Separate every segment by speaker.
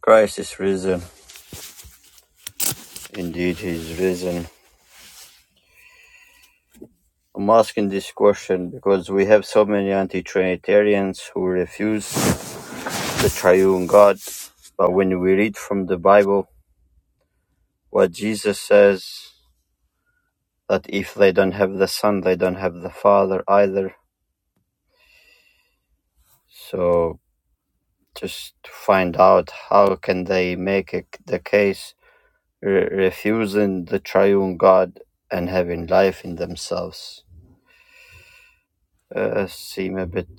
Speaker 1: Christ is risen. Indeed, he is risen. I'm asking this question because we have so many anti Trinitarians who refuse the triune God. But when we read from the Bible what Jesus says, that if they don't have the Son, they don't have the Father either. So just to find out how can they make it the case re- refusing the triune God and having life in themselves uh, seem a bit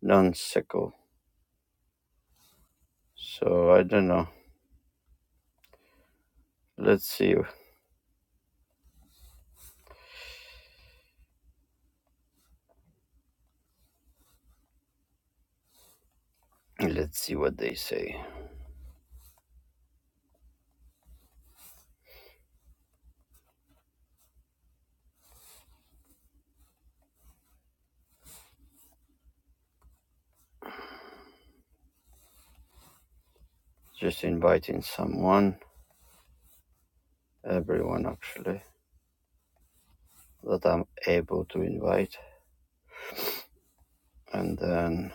Speaker 1: nonsensical. So I don't know. Let's see. Let's see what they say. Just inviting someone, everyone actually, that I'm able to invite. And then,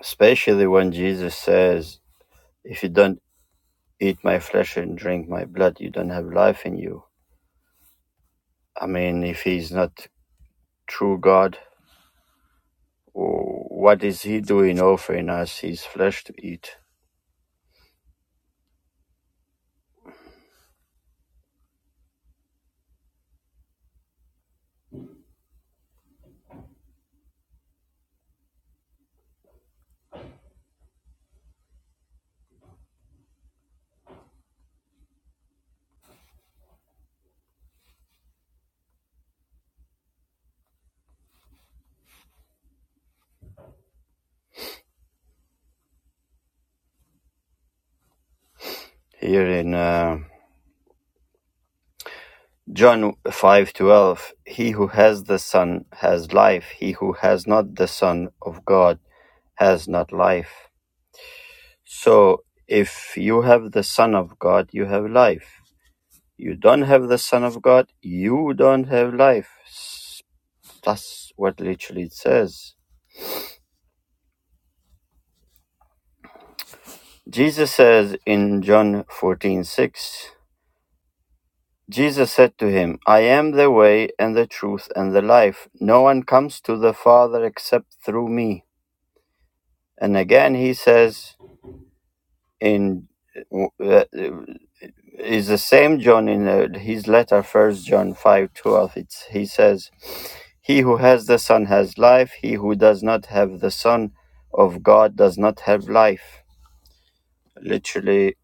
Speaker 1: especially when Jesus says, if you don't eat my flesh and drink my blood, you don't have life in you. I mean, if he's not true God, what is he doing offering us his flesh to eat? Here in uh, John 5:12 He who has the son has life he who has not the son of God has not life so if you have the son of God you have life you don't have the son of God you don't have life that's what literally it says Jesus says in John 14:6 Jesus said to him I am the way and the truth and the life no one comes to the father except through me and again he says in uh, is the same John in uh, his letter, First John five twelve. It's he says, "He who has the Son has life. He who does not have the Son of God does not have life." Literally,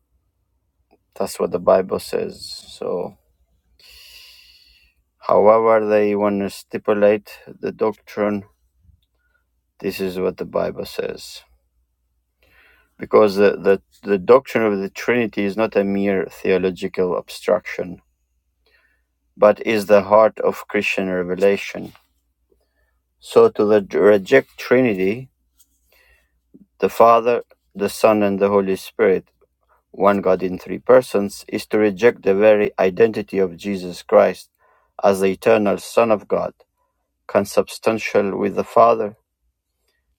Speaker 1: that's what the Bible says. So, however they want to stipulate the doctrine, this is what the Bible says. Because the, the, the doctrine of the Trinity is not a mere theological abstraction but is the heart of Christian revelation. So to the, reject Trinity, the Father, the Son, and the Holy Spirit, one God in three persons, is to reject the very identity of Jesus Christ as the eternal Son of God, consubstantial with the Father,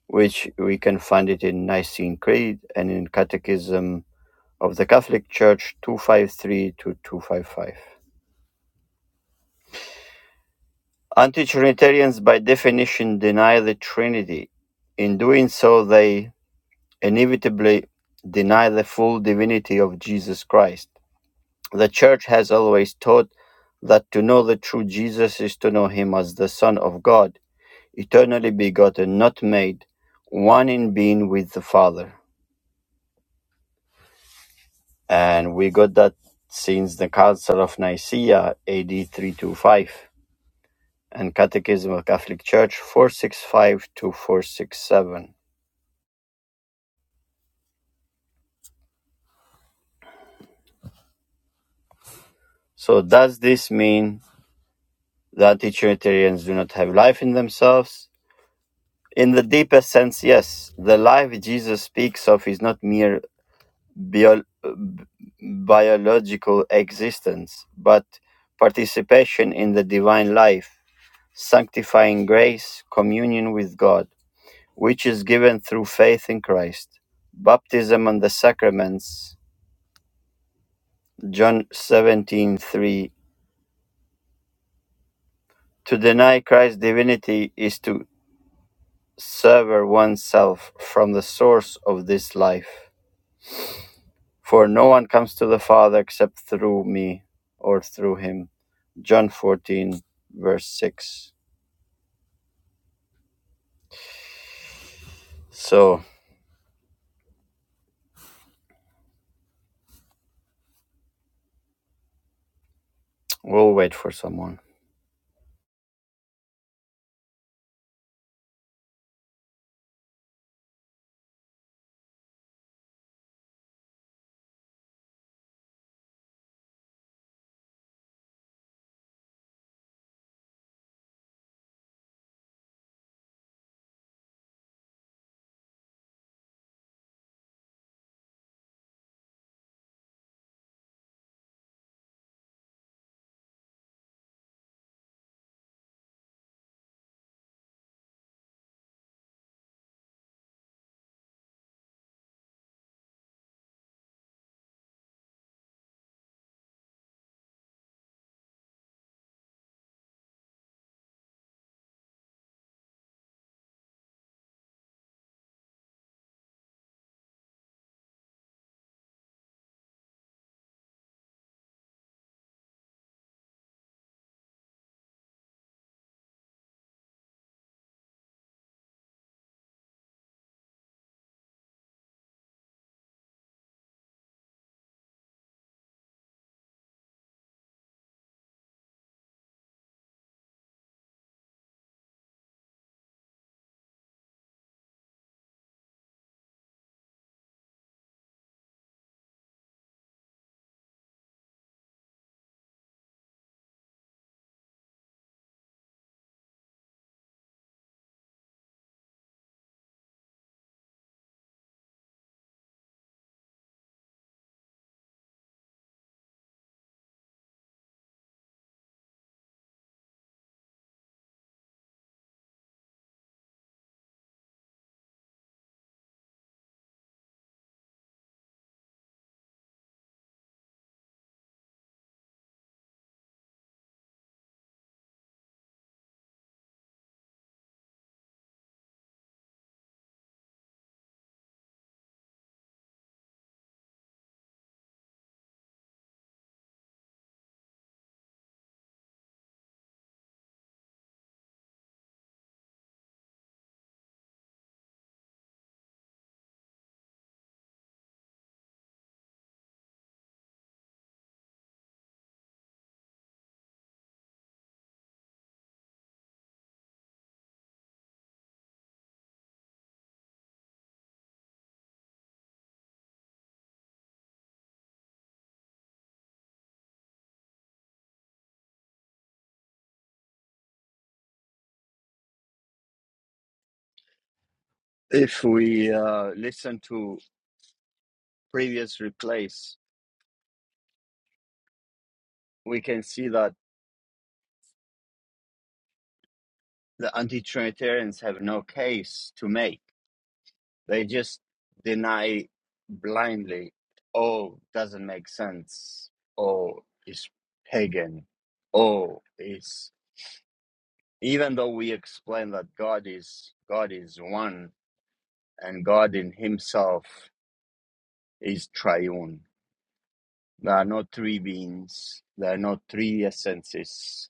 Speaker 1: which we can find it in Nicene Creed and in Catechism of the Catholic Church 253 to 255. Anti-Trinitarians, by definition, deny the Trinity. In doing so, they inevitably deny the full divinity of Jesus Christ. The Church has always taught that to know the true Jesus is to know him as the Son of God, eternally begotten, not made, one in being with the Father. And we got that since the Council of Nicaea, AD 325, and Catechism of Catholic Church 465 to 467. So does this mean that utilitarians do not have life in themselves? In the deepest sense, yes. The life Jesus speaks of is not mere bio- biological existence, but participation in the divine life, sanctifying grace, communion with God, which is given through faith in Christ. Baptism and the sacraments, John 17:3. To deny Christ's divinity is to sever oneself from the source of this life. For no one comes to the Father except through me or through him. John 14, verse 6. So we'll wait for someone. If we uh, listen to previous replays, we can see that the anti Trinitarians have no case to make. They just deny blindly, oh, doesn't make sense, oh, it's pagan, oh, it's even though we explain that God is God is one and God in Himself is triune. There are not three beings. There are not three essences.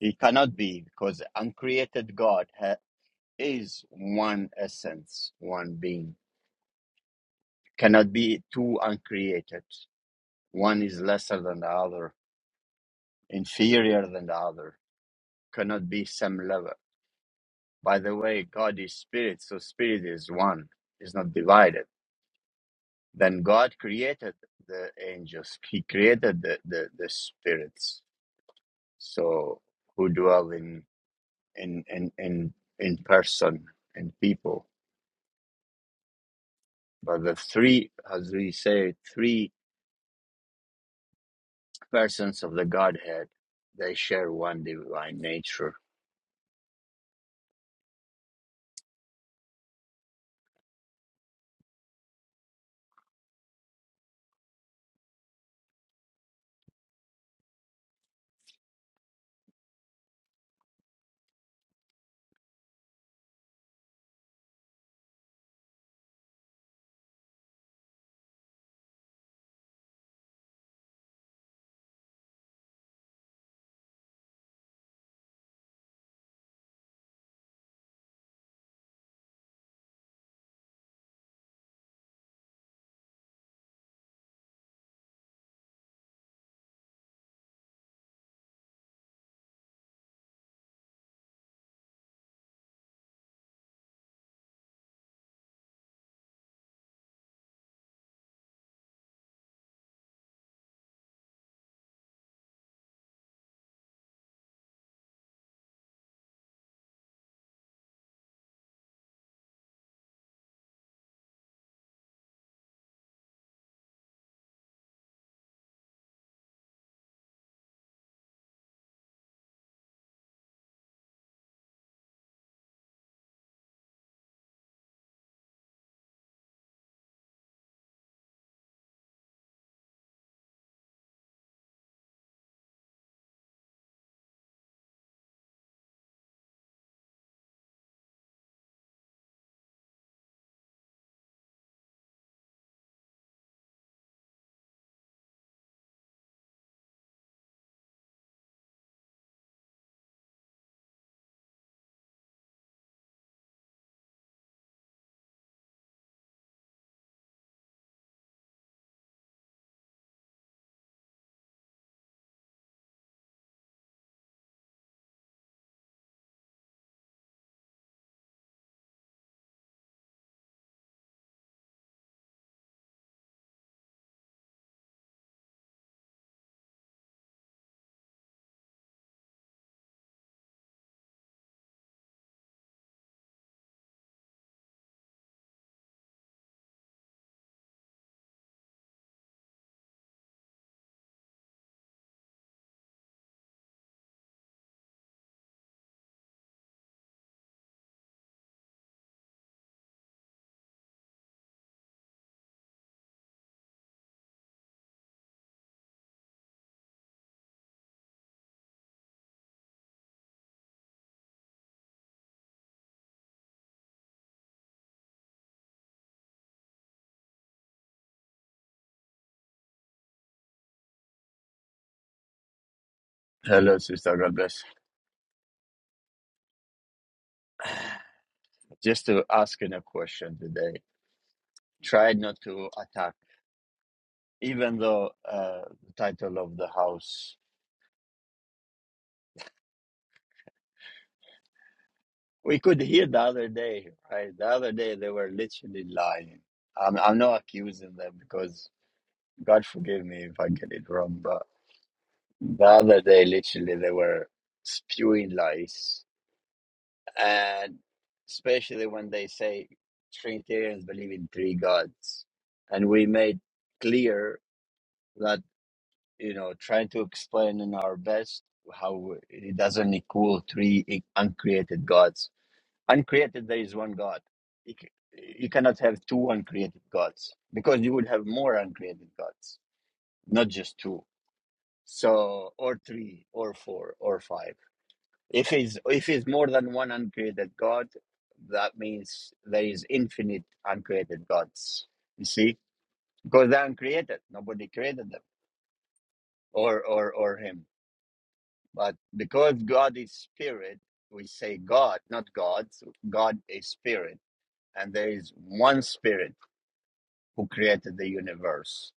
Speaker 1: It cannot be because uncreated God ha- is one essence, one being. Cannot be two uncreated. One is lesser than the other, inferior than the other, cannot be same level. By the way, God is spirit, so spirit is one, is not divided. Then God created the angels, He created the, the, the spirits, so who dwell in in in in, in person and people. But the three, as we say, three persons of the Godhead, they share one divine nature. Hello, sister. God bless. Just to ask asking a question today. Try not to attack, even though uh, the title of the house. We could hear the other day, right? The other day they were literally lying. I'm, I'm not accusing them because God forgive me if I get it wrong, but the other day literally they were spewing lies. And especially when they say Trinitarians believe in three gods. And we made clear that. you know, trying to explain in our best how it doesn't equal three i- uncreated gods. Uncreated, there is one God. You, c- you cannot have two uncreated gods because you would have more uncreated gods, not just two. So, or three, or four, or five. If it's if it's more than one uncreated God, that means there is infinite uncreated gods. You see, because they're uncreated, nobody created them, or or or him. But because God is spirit, we say God, not gods. God is spirit. And there is one spirit who created the universe.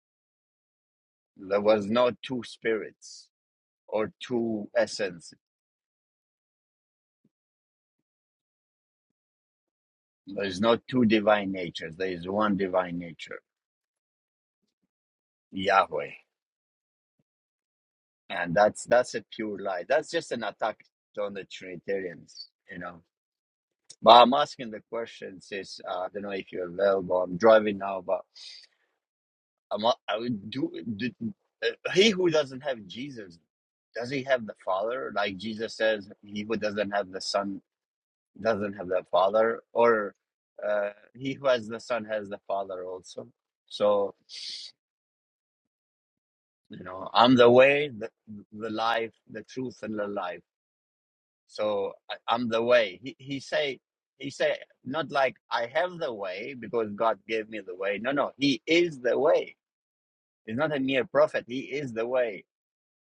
Speaker 1: There was no two spirits or two essences. There is no two divine natures. There is one divine nature, Yahweh. And that's that's a pure lie. That's just an attack on the Trinitarians, you know. But I'm asking the question, sis. Uh, I don't know if you're available. I'm driving now, but i am I would do. Did, uh, he who doesn't have Jesus, does he have the Father? Like Jesus says, he who doesn't have the Son doesn't have the Father, or uh, he who has the Son has the Father also. So you know, I'm the way, the, the life, the truth, and the life. So I, I'm the way. He he say he say not like I have the way because God gave me the way. No, no, he is the way. He's not a mere prophet. He is the way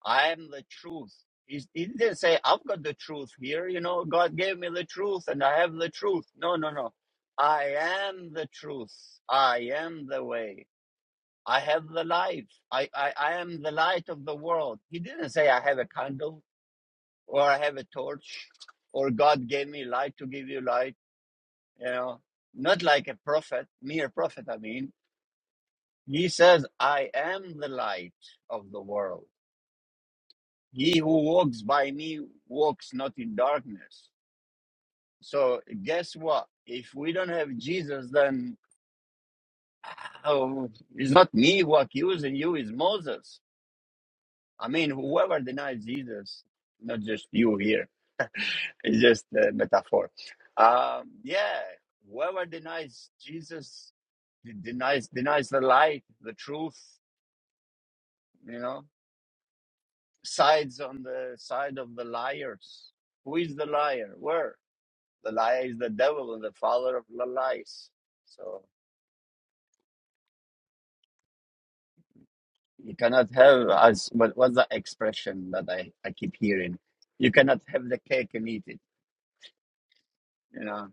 Speaker 1: I am the truth. He's, he didn't say, I've got the truth here. You know, God gave me the truth and I have the truth. No, no, no. I am the truth. I am the way. I have the life. I, I, I am the light of the world. He didn't say, I have a candle or I have a torch or God gave me light to give you light. You know, not like a prophet, mere prophet, I mean. He says, I am the light of the world. He who walks by me walks not in darkness. So guess what? If we don't have Jesus, then oh, it's not me who accusing you, it's Moses. I mean, whoever denies Jesus, not just you here, it's just a metaphor. Um, yeah, whoever denies Jesus de- denies denies the light, the truth, you know, sides on the side of the liars. Who is the liar? Where? The liar is the devil and the father of the lies. So you cannot have as what what's the expression that I, I keep hearing? You cannot have the cake and eat it. You know?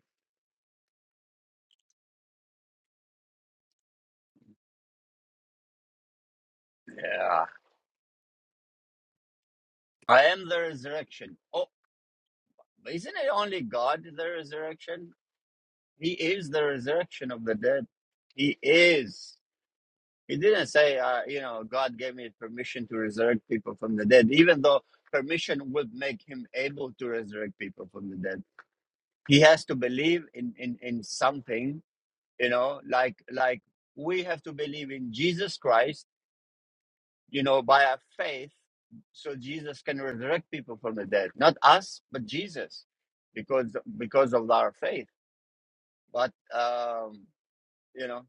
Speaker 1: Yeah. I am the resurrection. Oh, isn't it only God the resurrection? He is the resurrection of the dead. He is. He didn't say, uh, you know, God gave me permission to resurrect people from the dead, even though permission would make him able to resurrect people from the dead he has to believe in, in, in something, you know, like like we have to believe in Jesus Christ, you know, by our faith, so Jesus can resurrect people from the dead. Not us, but Jesus, because because of our faith. But um, you know,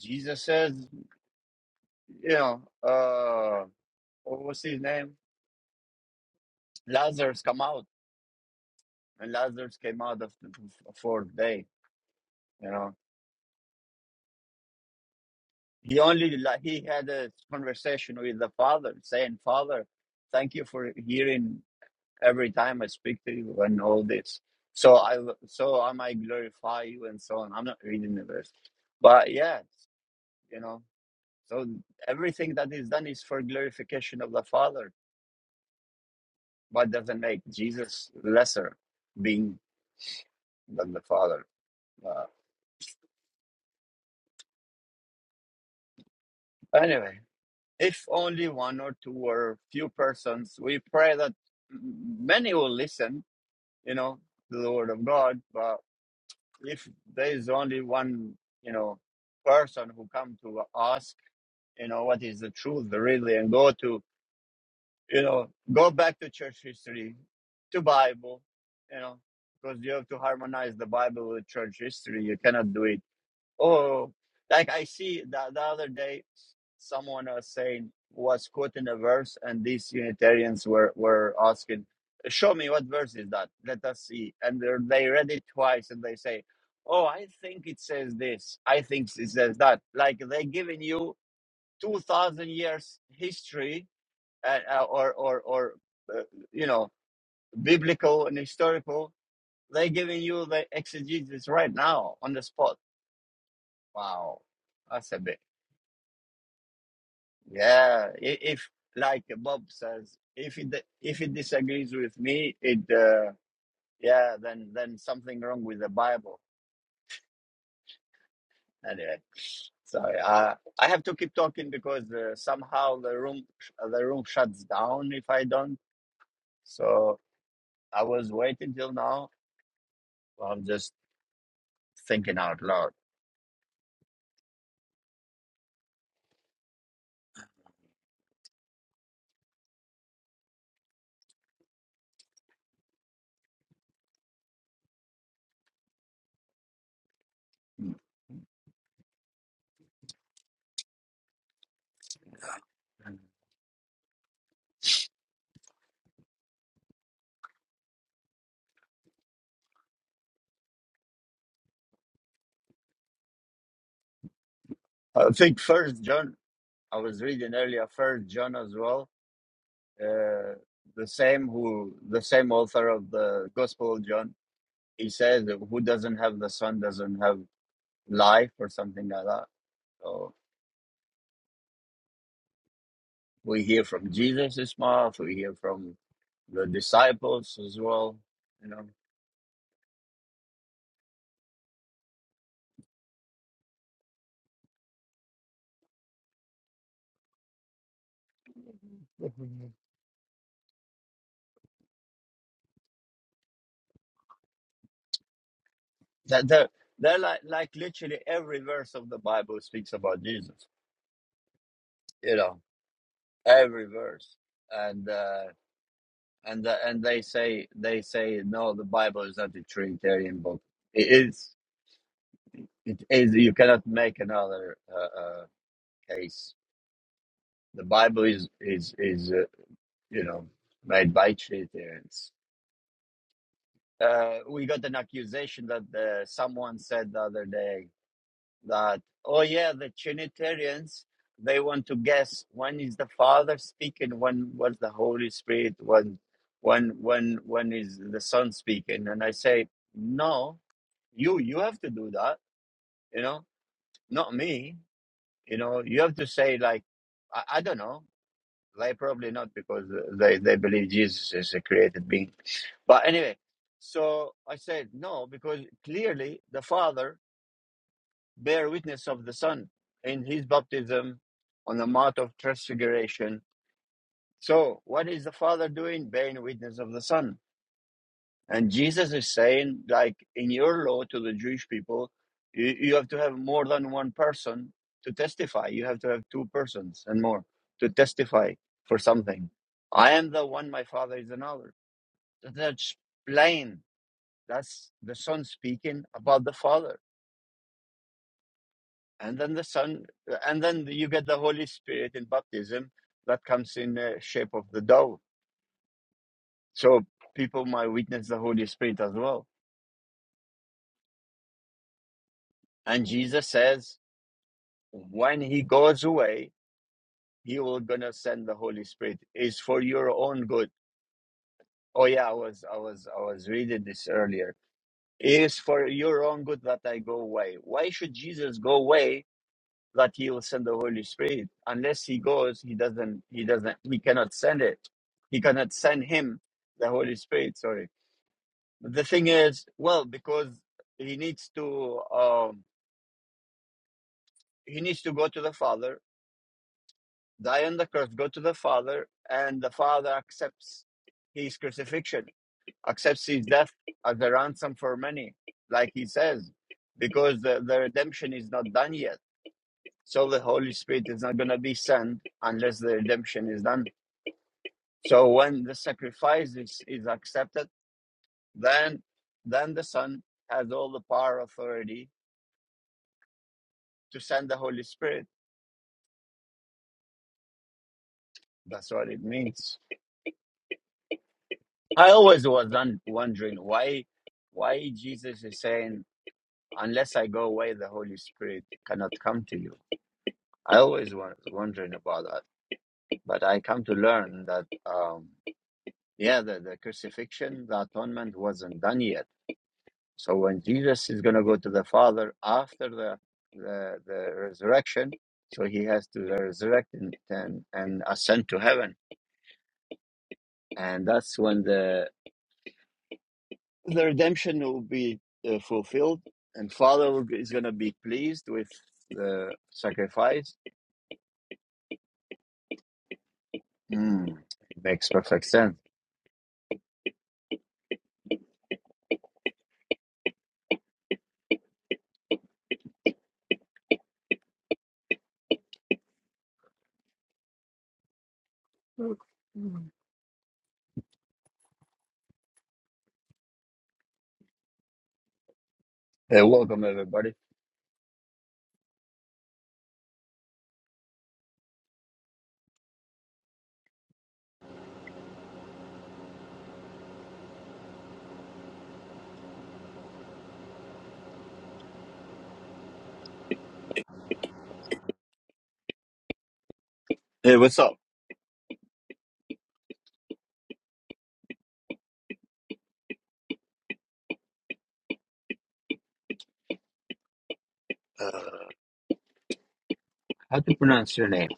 Speaker 1: Jesus says, you know, uh what was his name? Lazarus come out. And Lazarus came out of the fourth day, you know. He only like he had a conversation with the father, saying, "Father, thank you for hearing every time I speak to you and all this. So I so I might glorify you and so on." I'm not reading the verse, but yeah, you know. So everything that is done is for glorification of the Father, but doesn't make Jesus lesser being than the Father. Uh, anyway, if only one or two or few persons, we pray that many will listen you know, to the word of God. But if there is only one, you know, person who come to ask, you know, what is the truth really, and go to, you know, go back to church history, to Bible, you know, because you have to harmonize the Bible with church history. You cannot do it Oh, like I see the, the other day, someone was saying was quoting a verse, and these Unitarians were were asking, "Show me what verse is that? Let us see." And they're- they read it twice, and they say, "Oh, I think it says this. I think it says that." Like they're giving you two thousand years history, uh, uh, or or or uh, you know, biblical and historical. They're giving you the exegesis right now on the spot. Wow, that's a bit. Yeah, i- if like Bob says, if it if it disagrees with me, it uh, yeah, then then something wrong with the Bible. Anyway, so uh, I have to keep talking because uh, somehow the room the room shuts down if I don't. So I was waiting till now. I'm just thinking out loud. I think First John. I was reading earlier First John as well. Uh, the same who the same author of the Gospel of John He says, "Who doesn't have the Son doesn't have life," or something like that. So we hear from Jesus' mouth. We hear from the disciples as well. You know that they're, they're like like literally every verse of the Bible speaks about Jesus. You know every verse, and uh, and uh, and they say they say no, the Bible is not a Trinitarian book. It is it is you cannot make another uh, uh, case. The Bible is is is uh, you know, made bike shit there. It's, uh, we got an accusation that uh someone said the other day that, oh yeah, the Trinitarians, they want to guess when is the Father speaking, when was the Holy Spirit, when, when, when, when is the Son speaking? And I say, no, you, you have to do that, you know, not me, you know, you have to say like, I, I don't know. They probably not because they, they believe Jesus is a created being But anyway, so I said no because clearly the Father bear witness of the Son in his baptism on the Mount of Transfiguration. So what is the Father doing? Bearing witness of the Son. And Jesus is saying, like in your law to the Jewish people, you, you have to have more than one person to testify. You have to have two persons and more to testify for something. I am the one, my Father is another. That's plain That's the Son speaking about the Father. And then the Son, and then you get the Holy Spirit in baptism that comes in the shape of the dove. So people might witness the Holy Spirit as well. And Jesus says, when he goes away, he will gonna send the Holy Spirit. Is for your own good. Oh yeah, I was I was I was reading this earlier. It is for your own good that I go away. Why should Jesus go away that he will send the Holy Spirit. Unless he goes, he doesn't, he doesn't, he cannot send it. He cannot send him the Holy Spirit. Sorry. The thing is, well, because he needs to, um, he needs to go to the Father, die on the cross, go to the Father, and the Father accepts his crucifixion, accepts his death as a ransom for many, like he says, because the, the redemption is not done yet. So the Holy Spirit is not going to be sent unless the redemption is done So when the sacrifice is, is accepted, then then the Son has all the power authority to send the Holy Spirit. That's what it means. I always was un- wondering why why Jesus is saying, "Unless I go away, the Holy Spirit cannot come to you." I always was wondering about that, but I come to learn that um, yeah, the, the crucifixion, the atonement wasn't done yet So when Jesus is going to go to the Father after the the, the resurrection, so he has to resurrect and, and and ascend to heaven, and that's when the the redemption will be uh, fulfilled, and Father will- is going to be pleased with the sacrifice. Mm, it makes perfect sense. Hey, welcome everybody. Hey, what's up? Uh, how to pronounce your name?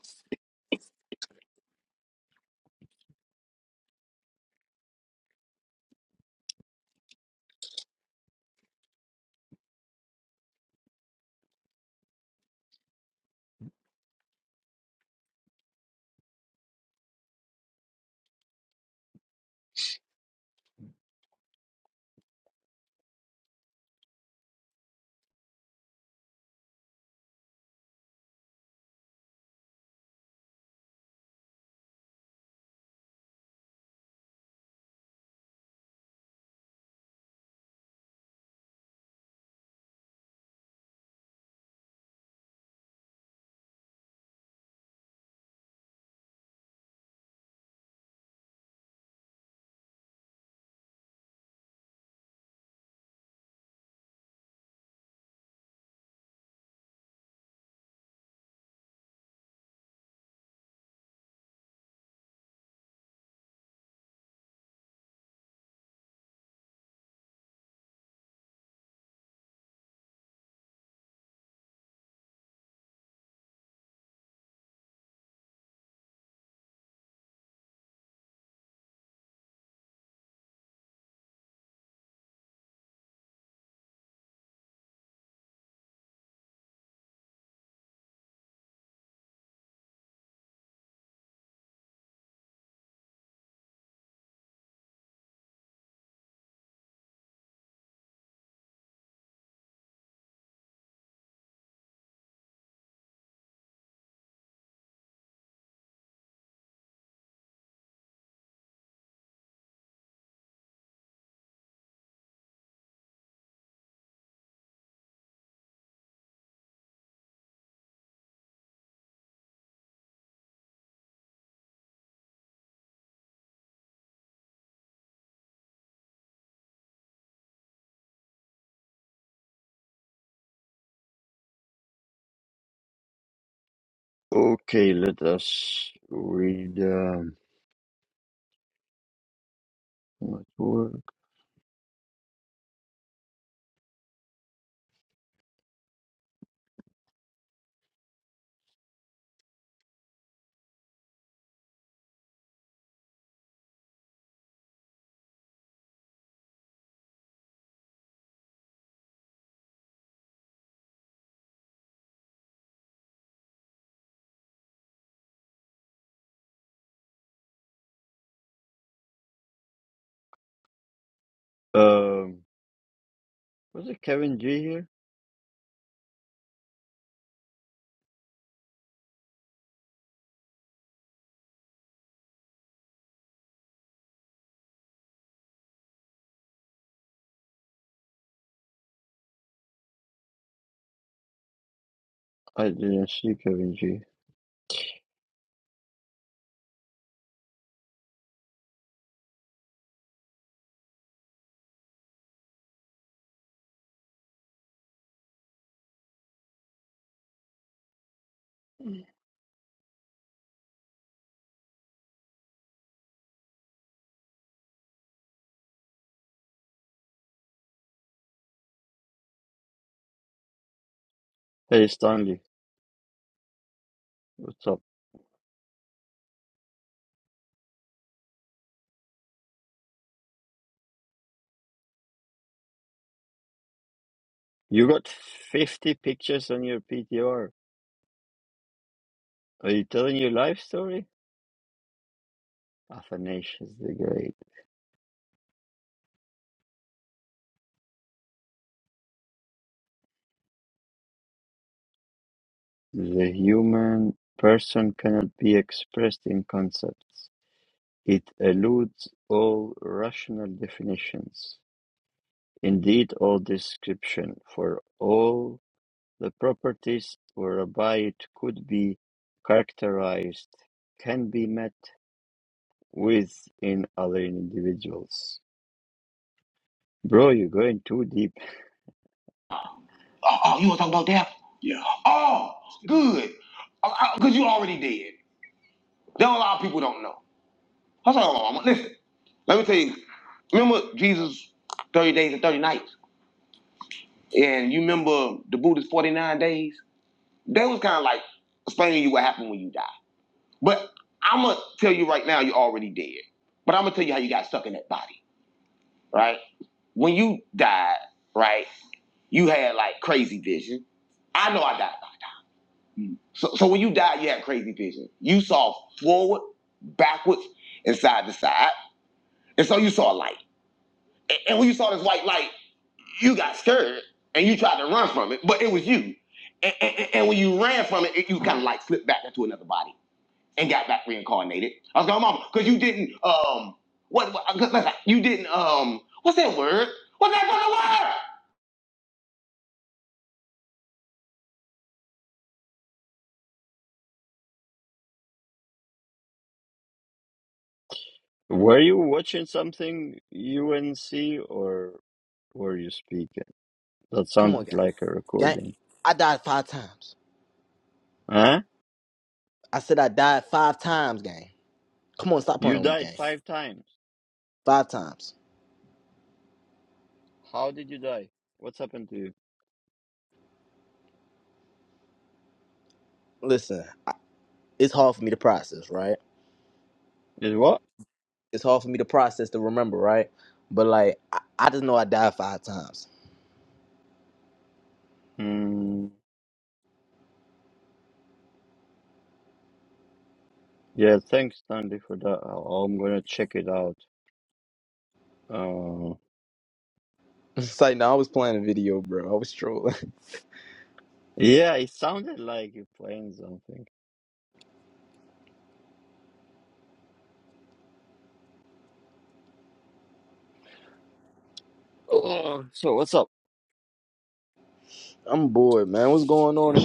Speaker 1: Okay, let us read. Um, what word? Was it Kevin G here? I didn't see Kevin G. Hey Stanley, what's up? You got 50 pictures on your PTR. Are you telling your life story? Athanasius the Great. The human person cannot be expressed in concepts. It eludes all rational definitions. Indeed, all description, for all the properties whereby it could be characterized can be met within other individuals. Bro, you're going too deep.
Speaker 2: Oh, oh, you want to talk
Speaker 1: Mm.
Speaker 2: about that? Yeah. Oh, good. Because you already dead. There are a lot of people don't know. I said, hold on, listen, let me tell you. Remember Jesus 30 days and 30 nights? And you remember the Buddha's 49 days? They was kind of like explaining to you what happened when you die. But I'm going to tell you right now, you're already dead. But I'm going to tell you how you got stuck in that body, right? When you died, right, you had like crazy vision. I know I died. So, so when you died, you had crazy vision. You saw forward, backwards, and side to side. And so you saw a light. And, and when you saw this white light, you got scared and you tried to run from it, but it was you. And, and, and- when you ran from it, you kind of like slipped back into another body and got back reincarnated. I was going, Mama, because you didn't, um, what, what- let's- you didn't, um, what's that word? What's that fucking word?
Speaker 1: Were you watching something UNC or were you speaking? That
Speaker 2: Come on,
Speaker 1: sounded
Speaker 2: gang.
Speaker 1: like a
Speaker 2: Gang,
Speaker 1: recording.
Speaker 2: I died five times.
Speaker 1: Huh?
Speaker 2: I said I died five times, gang. Come on, stop
Speaker 1: You
Speaker 2: playing with me,
Speaker 1: died
Speaker 2: gang.
Speaker 1: five times.
Speaker 2: five times.
Speaker 1: How did you die? What's happened to you?
Speaker 2: Listen, I- it's hard for me to process, right?
Speaker 1: Did what?
Speaker 2: It's hard for me to process to remember, right? But like, I, I just know I died five times.
Speaker 1: Mm, yeah, thanks, Tandy, for that. I- I'm gonna check it out. Uh,
Speaker 2: It's like, no, I was playing a video, bro. I was trolling.
Speaker 1: yeah, it sounded like you're playing something. Oh, so what's up?
Speaker 2: I'm bored, man. What's going on?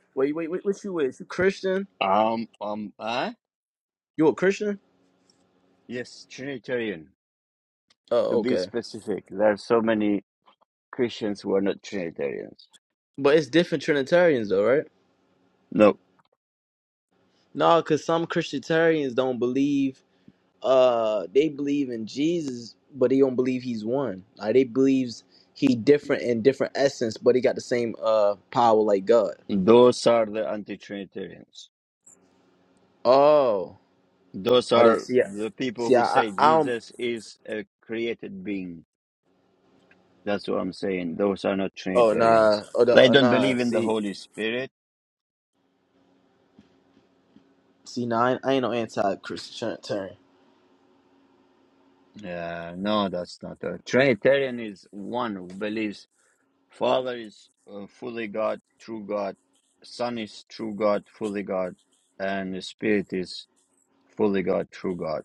Speaker 2: Wait, wait, wait. What you with? You Christian?
Speaker 1: Um, um, huh?
Speaker 2: You a Christian?
Speaker 1: Yes, Trinitarian. to
Speaker 2: Oh,
Speaker 1: be
Speaker 2: okay.
Speaker 1: specific, there are so many Christians who are not Trinitarians.
Speaker 2: But it's different Trinitarians, though, right?
Speaker 1: No,
Speaker 2: No, cause some Christianitarians don't believe uh they believe in Jesus, but they don't believe he's one. Like they believes he different in different essence, but he got the same uh power like God.
Speaker 1: those are the anti Trinitarians.
Speaker 2: Oh,
Speaker 1: Those
Speaker 2: are they
Speaker 1: are
Speaker 2: see? I-
Speaker 1: the people
Speaker 2: See,
Speaker 1: who
Speaker 2: I, I,
Speaker 1: say
Speaker 2: I don't.
Speaker 1: Jesus is a created being. That's what I'm saying. Those are not
Speaker 2: Oh nah,
Speaker 1: Trinitarians.
Speaker 2: oh the,
Speaker 1: They
Speaker 2: uh,
Speaker 1: don't
Speaker 2: nah.
Speaker 1: believe in the
Speaker 2: See,
Speaker 1: Holy Spirit.
Speaker 2: see, nah. I ain't, I ain't no anti-Christian.
Speaker 1: Yeah, no, that's not a Trinitarian. Is one who believes Father is uh, fully God, true God, Son is true God, fully God, and the Spirit is fully God, true God.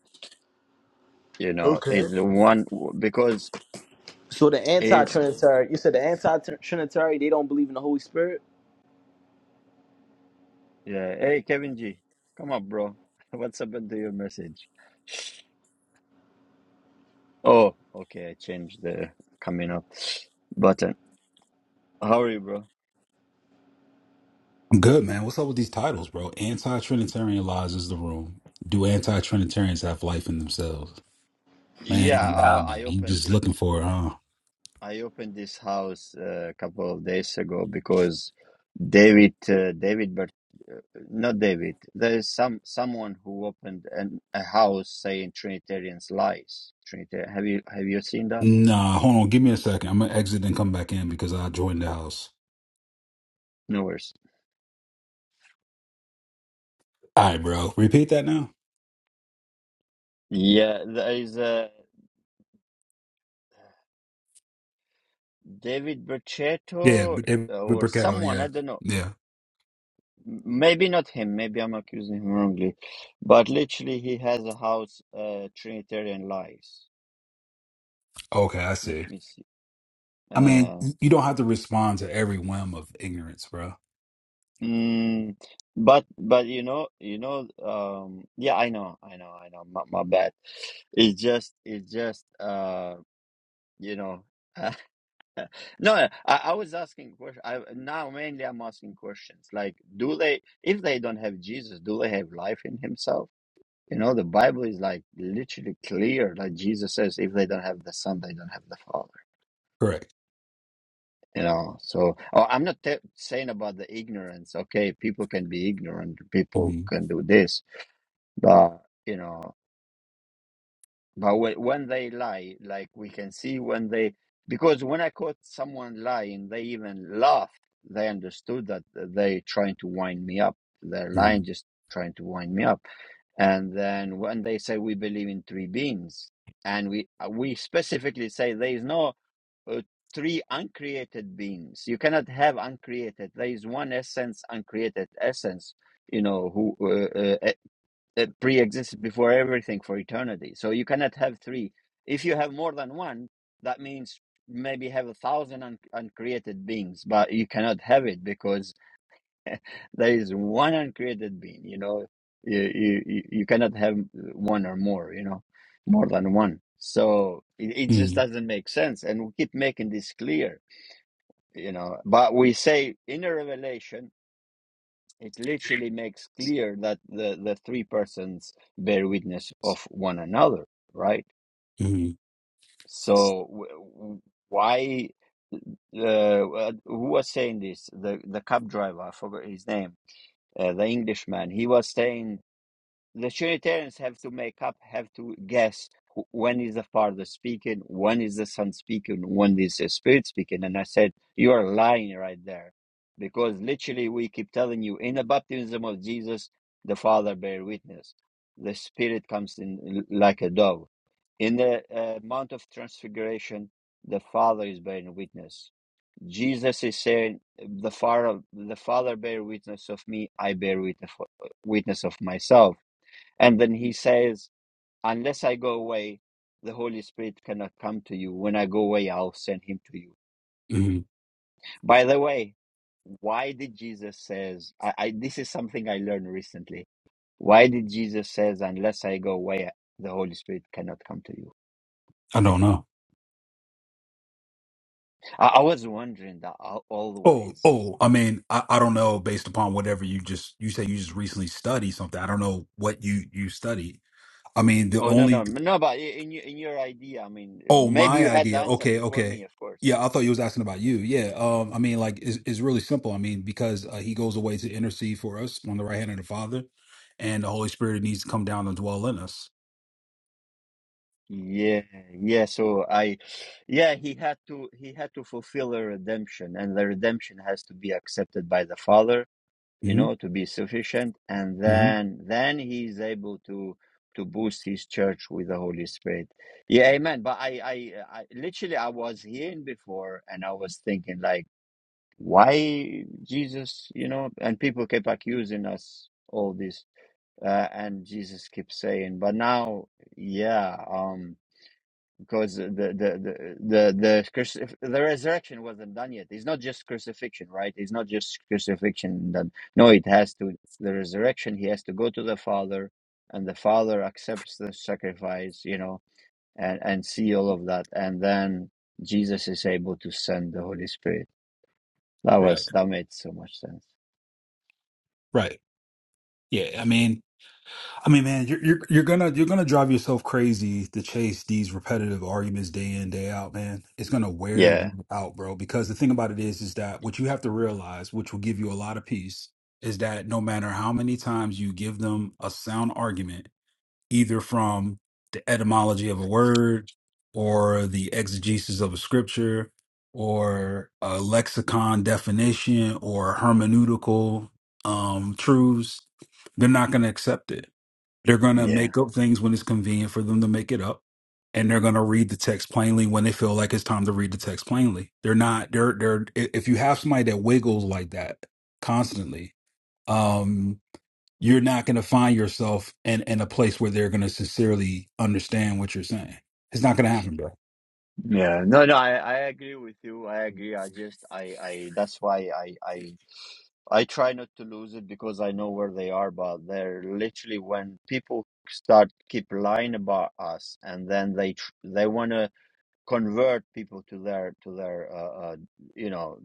Speaker 1: you know,
Speaker 2: Okay.
Speaker 1: is the one because
Speaker 2: So the
Speaker 1: is
Speaker 2: anti-Trinitarian, you said the anti-Trinitarian, they don't believe in the Holy Spirit.
Speaker 1: yeah. Hey, Kevin G, come up, bro. What's happened to your message? Oh, okay, I changed the coming up button. How are you, bro?
Speaker 3: I'm good, man. What's up with these titles, bro? Anti-Trinitarian lies is the room. Do anti-Trinitarians have life in themselves?
Speaker 1: Yeah,
Speaker 3: Man, nah,
Speaker 1: I,
Speaker 3: man.
Speaker 1: I
Speaker 3: You
Speaker 1: opened
Speaker 3: just looking for it, huh?
Speaker 1: I opened this house uh, a couple of days ago because David uh, David Bert, uh, not David. There is some someone who opened an, a house saying Trinitarians lies. Trinitarian. Have you have you seen that?
Speaker 3: Nah, hold on. Give me a second. I'm gonna exit and come back in because I joined the house.
Speaker 1: No worries.
Speaker 3: All right, bro. Repeat that now.
Speaker 1: Yeah, there is a. David
Speaker 3: Yeah,
Speaker 1: Brachetto
Speaker 3: but David
Speaker 1: or
Speaker 3: Bricketto.
Speaker 1: someone, I
Speaker 3: Yeah,
Speaker 1: don't know.
Speaker 3: yeah.
Speaker 1: M- Maybe not him, maybe I'm accusing him wrongly. But literally, he has a house, uh, Trinitarian Lies.
Speaker 3: Okay, I
Speaker 1: Let
Speaker 3: see.
Speaker 1: me see.
Speaker 3: I mean,
Speaker 1: Uh,
Speaker 3: you don't have to respond to every whim of ignorance, bro.
Speaker 1: mm, but but you know you know um yeah I know I know I know my, my bad it's just it's just uh you know No, I, I was asking questions. I now mainly I'm asking questions like, do they, if they don't have Jesus, do they have life in Himself? You know, the Bible is like literally clear. Like Jesus says, if they don't have the Son, they don't have the Father.
Speaker 3: Correct.
Speaker 1: You know, so oh, I'm not te- saying about the ignorance. Okay, people can be ignorant. People
Speaker 3: Mm-hmm.
Speaker 1: can do this, but you know. But whe- when they lie, like we can see when they, because when I caught someone lying, they even laughed. They understood that they trying to wind me up. They're lying,
Speaker 3: Mm-hmm.
Speaker 1: just trying to wind me up. And then when they say we believe in three beings, and we uh, we specifically say there is no uh, three uncreated beings. You cannot have uncreated. There is one essence, uncreated essence. You know who? uh, uh, that pre-existed before everything for eternity. So you cannot have three. If you have more than one, that means maybe have a thousand un- uncreated beings, but you cannot have it because there is one uncreated being. You know, you you you you cannot have one or more. You know, more than one. So it, it just
Speaker 3: Mm-hmm.
Speaker 1: doesn't make sense, and we keep making this clear. You know, but we say in a revelation it literally makes clear that the, the three persons bear witness of one another, right?
Speaker 3: Mm-hmm.
Speaker 1: So w- w- why uh, uh, who was saying this? The the cab driver, I forgot his name, uh, the Englishman. He was saying the Trinitarians have to make up, have to guess when is the Father speaking, when is the Son speaking, when is the Spirit speaking. And I said, You are lying right there. Because literally, we keep telling you in the baptism of Jesus, the Father bear witness. The Spirit comes in like a dove. In the uh, Mount of Transfiguration, the Father is bearing witness. Jesus is saying, "The Father, the Father bear witness of me. I bear witness, witness of myself." And then he says, Unless I go away, the Holy Spirit cannot come to you. When I go away, I'll send him to you.
Speaker 3: Mm-hmm.
Speaker 1: By the way, why did Jesus says I, I this is something I learned recently. Why did Jesus says, Unless I go away, the Holy Spirit cannot come to you?
Speaker 3: I don't know.
Speaker 1: I, I was wondering that al-
Speaker 3: Oh,
Speaker 1: always.
Speaker 3: oh, I mean, I, I don't know based upon whatever you just you say you just recently studied something. I don't know what you you studied. I mean, the
Speaker 1: Oh no no
Speaker 3: only
Speaker 1: no! But in your in your idea, I mean,
Speaker 3: oh,
Speaker 1: maybe you
Speaker 3: my
Speaker 1: had the
Speaker 3: idea.
Speaker 1: answer
Speaker 3: Okay,
Speaker 1: before me,
Speaker 3: okay.
Speaker 1: of course.
Speaker 3: Yeah, I thought you was asking about you. Yeah. Um, I mean, like it's, it's really simple. I mean, because uh, he goes away to intercede for us on the right hand of the Father, and the Holy Spirit needs to come down and dwell in us.
Speaker 1: Yeah, yeah. So I, yeah, he had to he had to fulfill a redemption, and the redemption has to be accepted by the Father, you
Speaker 3: hmm
Speaker 1: know, to be sufficient, and
Speaker 3: hmm
Speaker 1: then then he's able to to boost his church with the Holy Spirit. Yeah, Amen. But I, I, I literally I was hearing before, and I was thinking like, why Jesus, you know, and people kept accusing us all this, uh, and Jesus keeps saying, but now, yeah, um because the the the the, the, the resurrection wasn't done yet. It's not just crucifixion, right? It's not just crucifixion done. No, it has to the resurrection. He has to go to the Father, and the Father accepts the sacrifice, you know, and and see all of that, and then Jesus is able to send the Holy Spirit. That was
Speaker 3: Right.
Speaker 1: that made so much sense.
Speaker 3: Right. Yeah. I mean, I mean, man, you're, you're you're gonna you're gonna drive yourself crazy to chase these repetitive arguments day in day out, man. It's gonna wear you
Speaker 1: Yeah,
Speaker 3: out, bro. Because the thing about it is, is that what you have to realize, which will give you a lot of peace, is that no matter how many times you give them a sound argument, either from the etymology of a word, or the exegesis of a scripture, or a lexicon definition, or hermeneutical um, truths, they're not gonna accept it they're going to
Speaker 1: yeah.
Speaker 3: make up things when it's convenient for them to make it up. And they're going to read the text plainly when they feel like it's time to read the text plainly. They're not, they're, they're, i- if you have somebody that wiggles like that constantly, um, you're not going to find yourself in, in a place where they're going to sincerely understand what you're saying. It's not going to happen, bro.
Speaker 1: Yeah, no, no, I, I agree with you. I agree. I just, I, I, that's why I, I, I try not to lose it because I know where they are, but they're literally when people start keep lying about us and then they, tr they want to convert people to their, to their, uh, uh, you know,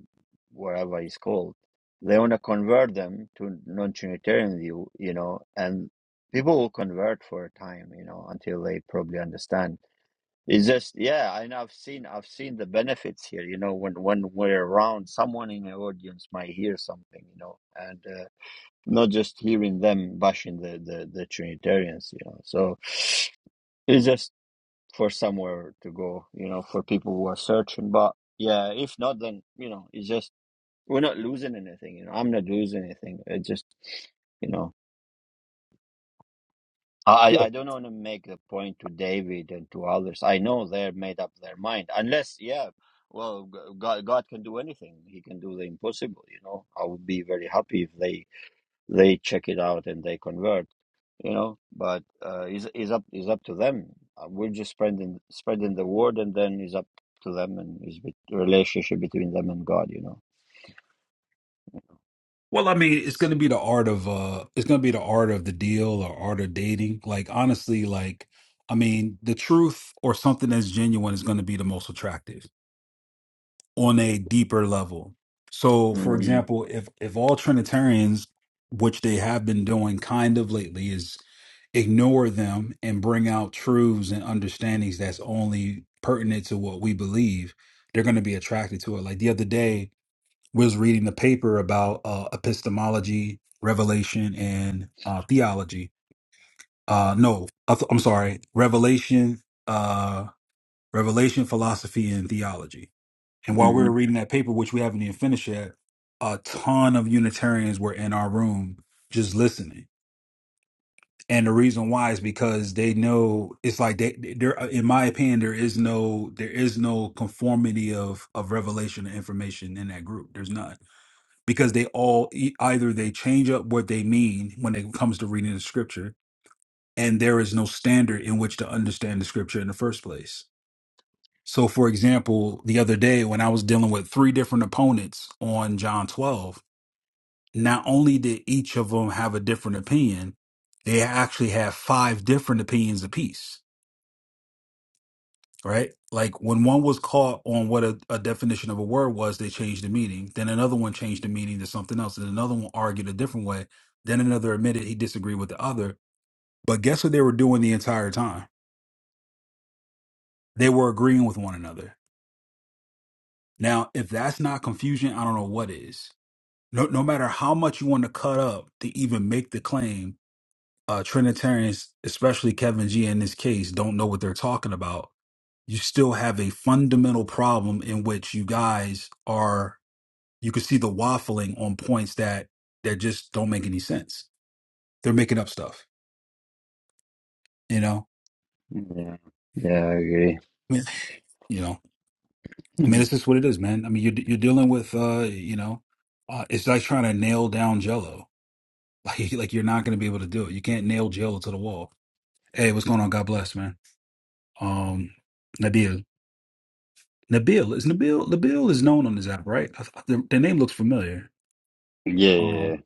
Speaker 1: wherever it's called. They want to convert them to non-Trinitarian view, you know, and people will convert for a time, you know, until they probably understand. It's just yeah, and I've seen I've seen the benefits here. You know, when when we're around, someone in the audience might hear something. You know, and uh, not just hearing them bashing the, the the Trinitarians. You know, so it's just for somewhere to go. You know, for people who are searching. But yeah, if not, then you know, it's just we're not losing anything. You know, I'm not losing anything. It just you know. I,
Speaker 3: Yeah.
Speaker 1: I don't want to make the point to David and to others. I know they're made up their mind. Unless, yeah, well, g- God, God can do anything. He can do the impossible. You know, I would be very happy if they they check it out and they convert. You know, but uh, is is up is up to them. Uh, We're just spreading spreading the word, and then it's up to them and is bet- relationship between them and God. You know.
Speaker 3: Well, I mean, it's going to be the art of, uh, it's going to be the art of the deal or art of dating. Like, honestly, like, I mean, the truth or something that's genuine is going to be the most attractive on a deeper level. So, for
Speaker 1: Mm-hmm.
Speaker 3: example, if if all Trinitarians, which they have been doing kind of lately, is ignore them and bring out truths and understandings that's only pertinent to what we believe, they're going to be attracted to it. Like the other day, was reading the paper about uh, epistemology, revelation, and uh, theology. Uh, no, I th- I'm sorry, revelation, uh, revelation, philosophy, and theology and while we were reading that paper, which we haven't even finished yet, a ton of Unitarians were in our room just listening. And the reason why is because they know it's like they there. In my opinion, there is no there is no conformity of of revelation and information in that group. There's none because they all e- either they change up what they mean when it comes to reading the scripture, and there is no standard in which to understand the scripture in the first place so, for example, the other day when I was dealing with three different opponents on John 12, not only did each of them have a different opinion, they actually had five different opinions apiece, right? Like when one was caught on what a, a definition of a word was, they changed the meaning. Then another one changed the meaning to something else. And another one argued a different way. Then another admitted he disagreed with the other. But guess what they were doing the entire time? They were agreeing with one another. Now, if that's not confusion, I don't know what is no, no matter how much you want to cut up to even make the claim, uh, Trinitarians, especially Kevin G in this case, don't know what they're talking about. You still have a fundamental problem in which you guys are, you can see the waffling on points that, that just don't make any sense. They're making up stuff, you know?
Speaker 1: Yeah. Yeah, I agree.
Speaker 3: I mean, you know, I mean, it's just what it is, man. I mean, you're, you're dealing with, uh, you know, uh, it's like trying to nail down jello. Like, like you're not going to be able to do it. You can't nail jello to the wall. Hey, what's going on? God bless, man. um Nabil. Nabil is Nabil. Nabil is known on this app, right? I, th- the, the name looks familiar.
Speaker 1: yeah,
Speaker 3: Um,
Speaker 1: yeah,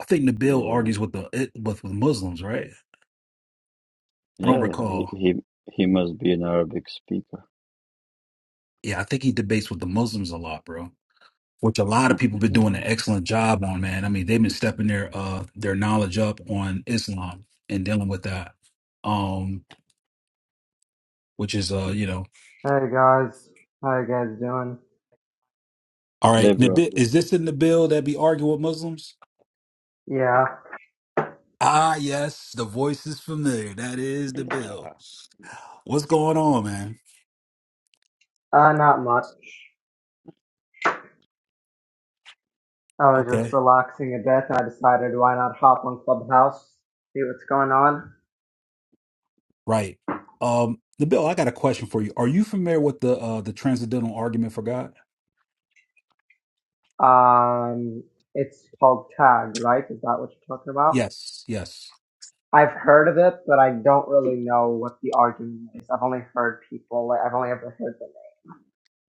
Speaker 3: I think Nabil
Speaker 1: yeah.
Speaker 3: argues with the it, with with Muslims, right? I don't
Speaker 1: Yeah, he
Speaker 3: recall.
Speaker 1: he, he must be an Arabic speaker.
Speaker 3: Yeah, I think he debates with the Muslims a lot, bro. Which a lot of people been doing
Speaker 1: Maybe.
Speaker 3: an excellent job on, man. I mean, they've been stepping their uh their knowledge up on Islam and dealing with that. Um, which is uh,
Speaker 1: Yeah,
Speaker 3: you know,
Speaker 4: Hey guys, how you guys doing?
Speaker 3: all
Speaker 1: Yeah,
Speaker 3: right.
Speaker 1: bro.
Speaker 3: Nabil, is this in Nabil that be arguing with Muslims?
Speaker 4: Yeah,
Speaker 3: Ah, yes, the voice is familiar. That is Nabil.
Speaker 1: Yeah.
Speaker 3: What's going on, man?
Speaker 4: uh, not much. I was just
Speaker 3: Okay,
Speaker 4: relaxing a bit, and I decided why not hop on Clubhouse, see what's going on.
Speaker 3: right. Um, Nabil, I got a question for you. Are you familiar with the uh the transcendental argument for God?
Speaker 4: Um, it's called Tag, right? Is that what you're talking about?
Speaker 3: Yes, yes.
Speaker 4: I've heard of it, but I don't really know what the argument is. I've only heard people, like, I've only ever heard the name.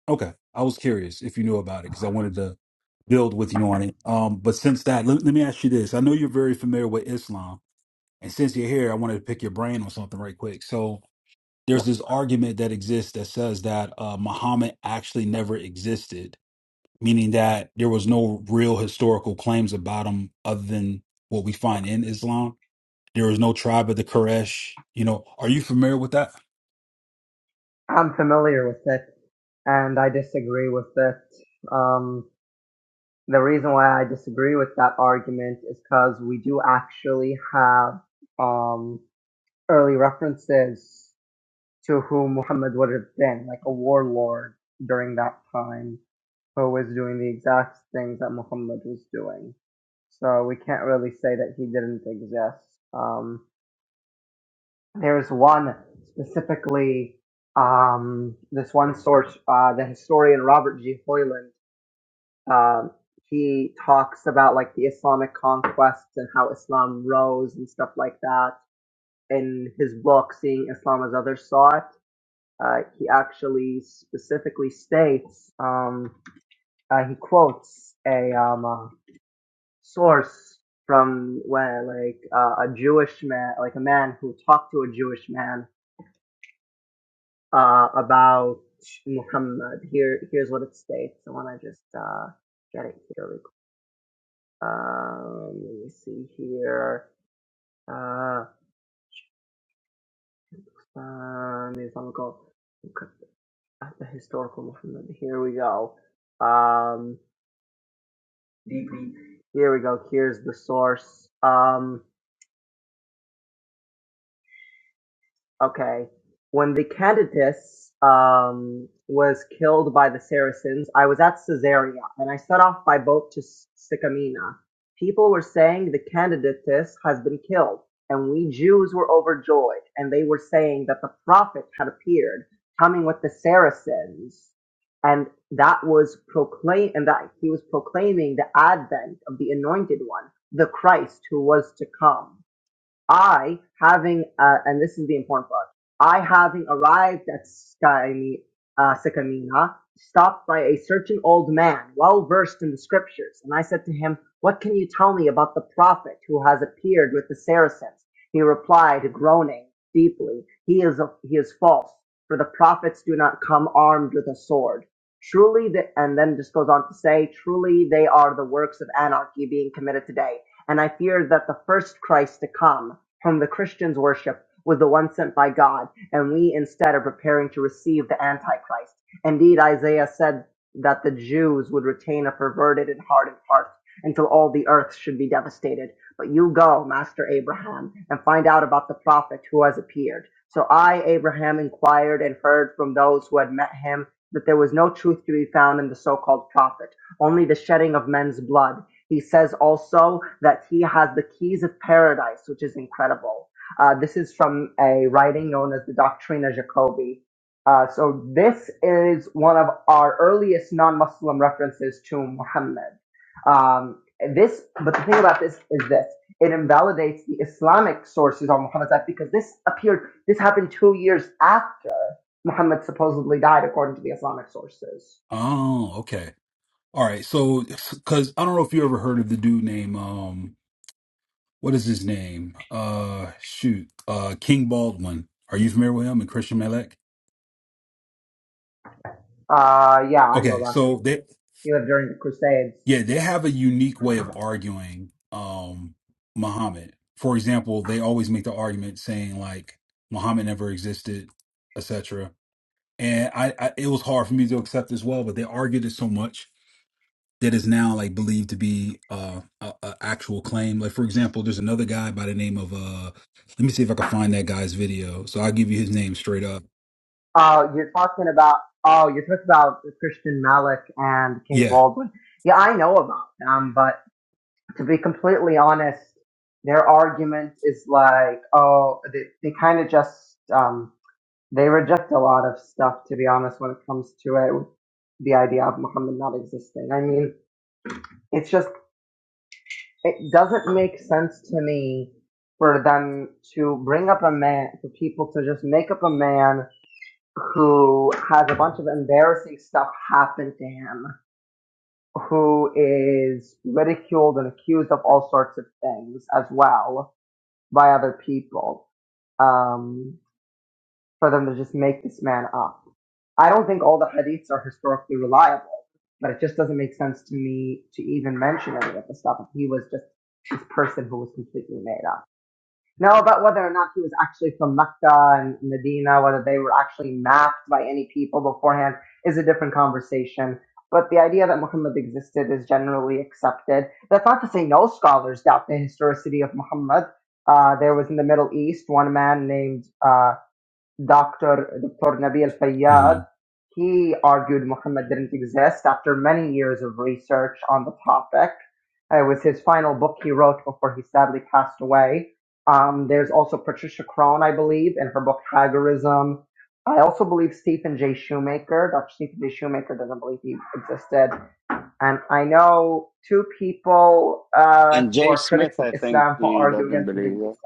Speaker 3: Okay, I was curious if you knew about it because I wanted to build with you on it. Um, but since that, let, let me ask you this. I know you're very familiar with Islam, and since you're here, I wanted to pick your brain on something right quick. So there's this argument that exists that says that uh, Muhammad actually never existed meaning that there was no real historical claims about them other than what we find in Islam. There was no tribe of the Quraysh. You know, are you familiar with that?
Speaker 4: I'm familiar with it, and I disagree with it. Um, the reason why I disagree with that argument is because we do actually have um, early references to who Muhammad would have been, like a warlord during that time who was doing the exact things that Muhammad was doing. So we can't really say that he didn't exist. Um, there's one specifically, um, this one source, uh, the historian Robert G. Hoyland Um, he talks about like the Islamic conquests and how Islam rose and stuff like that. In his book, Seeing Islam as Others Saw It, uh, he actually specifically states, um, uh, he quotes a um, uh, source from when like uh, a Jewish man, like a man who talked to a Jewish man uh, about Muhammad. Here, here's what it states. I want to just uh, get it here. Um, let me see here. Uh, um, Islamical, the historical movement. Here we go. Um, here we go. Here's the source. Um, Okay. When the Candidates um, was killed by the Saracens, I was at Caesarea and I set off by boat to S- Sycamina. People were saying the Candidates has been killed, and we Jews were overjoyed, and they were saying that the prophet had appeared, coming with the Saracens, and that was proclaim, and that he was proclaiming the advent of the Anointed One, the Christ who was to come. I having uh, and this is the important part. I having arrived at Skymi, uh, Sycamina, stopped by a certain old man, well versed in the scriptures, and I said to him, "What can you tell me about the prophet who has appeared with the Saracens?" He replied, groaning deeply, "He is a, he is false, for the prophets do not come armed with a sword." Truly, the, and then just goes on to say, "Truly, they are the works of anarchy being committed today." and I fear that the first Christ to come whom the Christians worship, was the one sent by God, and we instead are preparing to receive the Antichrist. Indeed, Isaiah said that the Jews would retain a perverted and hardened heart until all the earth should be devastated. But you go, Master Abraham, and find out about the prophet who has appeared. So I, Abraham, inquired and heard from those who had met him that there was no truth to be found in the so called prophet, only the shedding of men's blood. He says also that he has the keys of paradise, which is incredible. Uh, this is from a writing known as the Doctrina Jacobi. Uh, so this is one of our earliest non-Muslim references to Muhammad. Um, this, but the thing about this is this: it invalidates the Islamic sources on Muhammad's life because this appeared, this happened two years after Muhammad supposedly died, according to the Islamic sources.
Speaker 3: Oh, okay. All right. So, because I don't know if you ever heard of the dude named, um, what is his name? Uh, shoot, uh, King Baldwin. Are you familiar with him and Christian Malek?
Speaker 4: Uh, yeah, I know
Speaker 3: Okay.
Speaker 4: about him.
Speaker 3: So they,
Speaker 4: He lived during the Crusades.
Speaker 3: Yeah, they have a unique way of arguing um Muhammad. For example, they always make the argument saying like Muhammad never existed, etc. And I, I it was hard for me to accept as well, but they argued it so much that is now like believed to be uh a, a actual claim. Like for example, there's another guy by the name of uh let me see if I can find that guy's video. So I'll give you his name straight up.
Speaker 4: Uh, you're talking about oh, you're talking about Christian Malik and King
Speaker 3: Yeah.
Speaker 4: Baldwin. Yeah, I know about them, but to be completely honest, their argument is like oh, they they kind of just um they reject a lot of stuff. To be honest, when it comes to it, with the idea of Muhammad not existing. I mean, it's just it doesn't make sense to me for them to bring up a man for people to just make up a man who has a bunch of embarrassing stuff happen to him, who is ridiculed and accused of all sorts of things as well by other people, um, for them to just make this man up. I don't think all the hadiths are historically reliable, but it just doesn't make sense to me to even mention any of the stuff if he was just this person who was completely made up. No, about whether or not he was actually from Mecca and Medina, whether they were actually mapped by any people beforehand is a different conversation. But the idea that Muhammad existed is generally accepted. That's not to say no scholars doubt the historicity of Muhammad. Uh, there was in the Middle East one man named uh, Dr. Dr. Nabil
Speaker 3: Mm-hmm.
Speaker 4: Fayyad, he argued Muhammad didn't exist after many years of research on the topic. It was his final book he wrote before he sadly passed away. Um, there's also Patricia Crone, I believe, in her book Haggerism. I also believe Stephen Jay Shoemaker, Dr. Stephen Jay Shoemaker doesn't believe he existed. And I know two people uh,
Speaker 1: And
Speaker 4: who
Speaker 1: Jay
Speaker 4: are
Speaker 1: Smith,
Speaker 4: critics of
Speaker 1: I think
Speaker 4: Islam who
Speaker 1: he
Speaker 4: argue
Speaker 1: doesn't
Speaker 4: against his
Speaker 1: believe it.
Speaker 4: existence.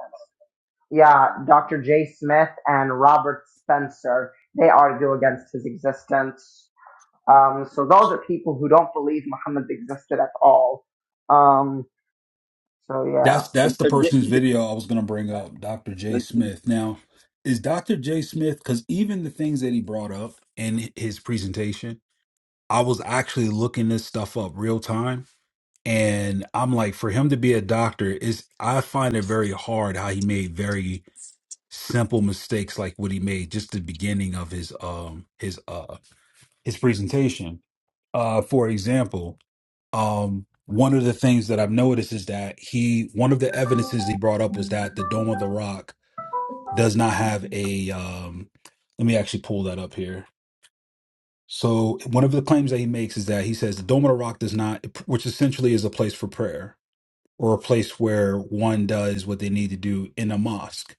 Speaker 4: Yeah, Dr. J. Smith and Robert Spencer, they argue against his existence. Um, so those are people who don't believe Muhammad existed at all. Um, so yeah.
Speaker 3: That's
Speaker 1: Uh,
Speaker 3: that's the
Speaker 1: uh,
Speaker 3: person's
Speaker 1: D-
Speaker 3: video I was going to bring up, Dr. J.
Speaker 1: D-
Speaker 3: Smith. Now, is Dr. J. Smith because even the things that he brought up in his presentation, I was actually looking this stuff up real time, and I'm like, for him to be a doctor is, I find it very hard how he made very simple mistakes like what he made just the beginning of his um his uh his presentation. Uh, for example um one of the things that I've noticed is that he one of the evidences he brought up was that the Dome of the Rock does not have a um let me actually pull that up here. So one of the claims that he makes is that he says the Dome of the Rock does not which essentially is a place for prayer or a place where one does what they need to do in a mosque.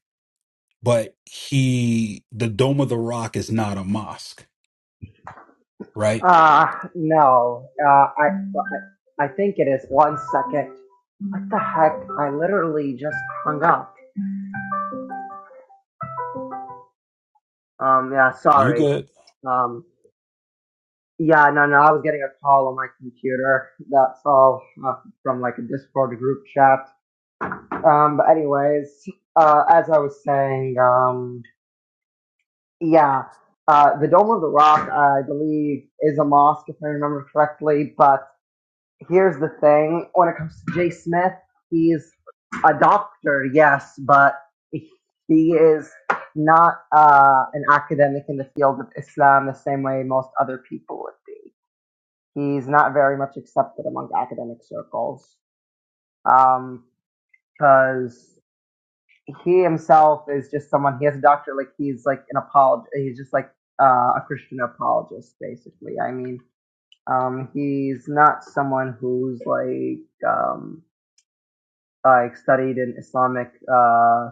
Speaker 3: But he the Dome of the Rock is not a mosque, right?
Speaker 4: Uh, no, uh, I, I, think it is. One second. What the heck? I literally just hung up. Um, yeah,
Speaker 3: Are you
Speaker 4: sorry.
Speaker 3: good?
Speaker 4: Um, yeah, no, no, I was getting a call on my computer. That's all uh, from like a Discord group chat. Um, but anyways, uh, as I was saying, um, yeah, uh, the Dome of the Rock, I believe, is a mosque if I remember correctly. But here's the thing: when it comes to Jay Smith, he's a doctor, yes, but he is not uh, an academic in the field of Islam the same way most other people would be. He's not very much accepted among academic circles because he himself is just someone he has a doctor like he's like an apolog he's just like uh, a christian apologist basically i mean um he's not someone who's like um like studied in islamic uh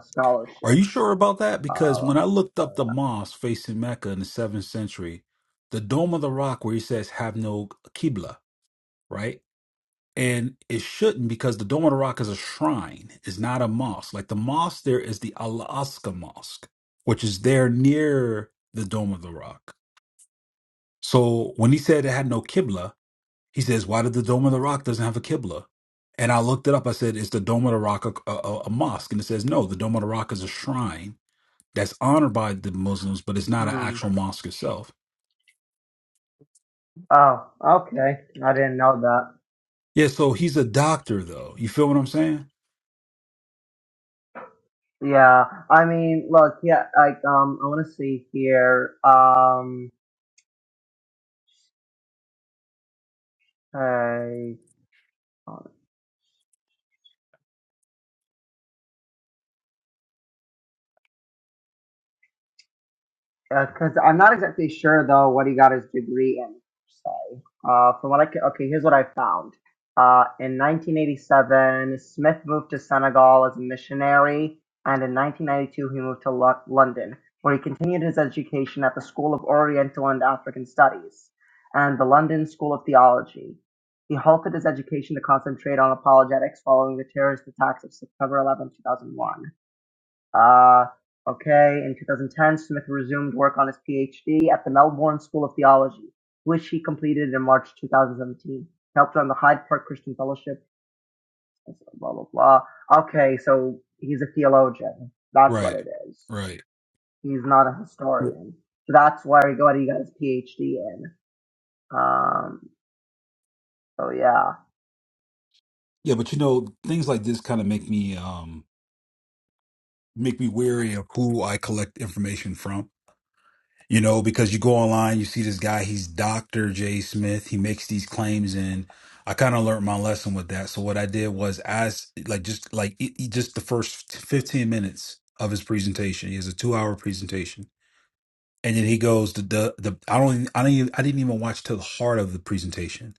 Speaker 3: Are
Speaker 4: scholarship
Speaker 3: you sure about that? Because
Speaker 4: uh
Speaker 3: when I looked up
Speaker 4: uh,
Speaker 3: the mosque facing Mecca in the seventh century, the Dome of the Rock, where he says have no Qibla, right? And it shouldn't because the Dome of the Rock is a shrine, it's not a mosque. Like the mosque there is the Al Aqsa Mosque, which is there near the Dome of the Rock. So when he said it had no Qibla, he says, why did the Dome of the Rock doesn't have a Qibla? And I looked it up. I said, is the Dome of the Rock a, a, a a mosque? And it says, no, the Dome of the Rock is a shrine that's honored by the Muslims, but it's not an
Speaker 4: hmm.
Speaker 3: actual mosque itself.
Speaker 4: oh okay i didn't know that
Speaker 3: Yeah, so he's a doctor, though. You feel what I'm saying?
Speaker 4: yeah i mean look yeah like um i want to see here um hey hold because I'm not exactly sure though what he got his degree in. So, uh, from what I ca- okay, here's what I found. Uh, in 1987, Smith moved to Senegal as a missionary, and in 1992 he moved to Lo- London, where he continued his education at the School of Oriental and African Studies and the London School of Theology. He halted his education to concentrate on apologetics following the terrorist attacks of September 11, 2001. Uh, okay, in 2010, Smith resumed work on his PhD at the Melbourne School of Theology, which he completed in March 2017. He helped run the Hyde Park Christian Fellowship, blah, blah, blah. Okay, so he's a theologian. That's what
Speaker 3: Right.
Speaker 4: it is.
Speaker 3: Right.
Speaker 4: He's not a
Speaker 3: Right.
Speaker 4: historian. So that's where he got, he got his PhD in. Um, so yeah.
Speaker 3: Yeah, but you know, things like this kind of make me um make me wary of who I collect information from. You know, because you go online, you see this guy, he's Dr. J. Smith. He makes these claims and I kind of learned my lesson with that. So what I did was as like just like e- e- just the first 15 minutes of his presentation. He has a 2-hour presentation. and then he goes to the the I don't I don't even, I didn't even watch to the heart of the presentation.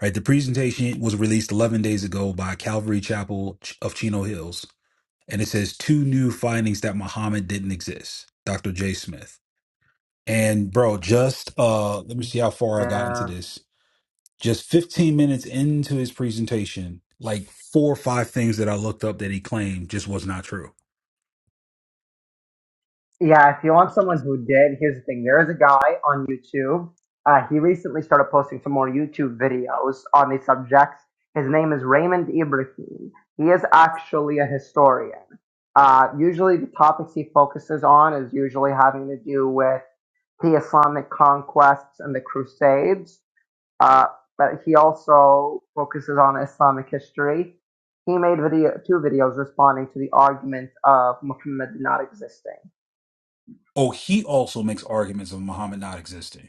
Speaker 3: Right, the presentation was released 11 days ago by Calvary Chapel Ch- of Chino Hills, and it says two new findings that Muhammad didn't exist. Dr. J. Smith and bro, just uh, let me see how far I got into
Speaker 4: Yeah.
Speaker 3: this. Just 15 minutes into his presentation, like four or five things that I looked up that he claimed just was not true.
Speaker 4: Yeah, if you want someone who did, here's the thing. There is a guy on YouTube. Uh, he recently started posting some more YouTube videos on these subjects. His name is Raymond Ibrahim. He is actually a historian. Uh, usually, the topics he focuses on is usually having to do with the Islamic conquests and the Crusades. Uh, but he also focuses on Islamic history. He made video two videos responding to the argument of Muhammad not existing.
Speaker 3: Oh, he also makes arguments of Muhammad not existing.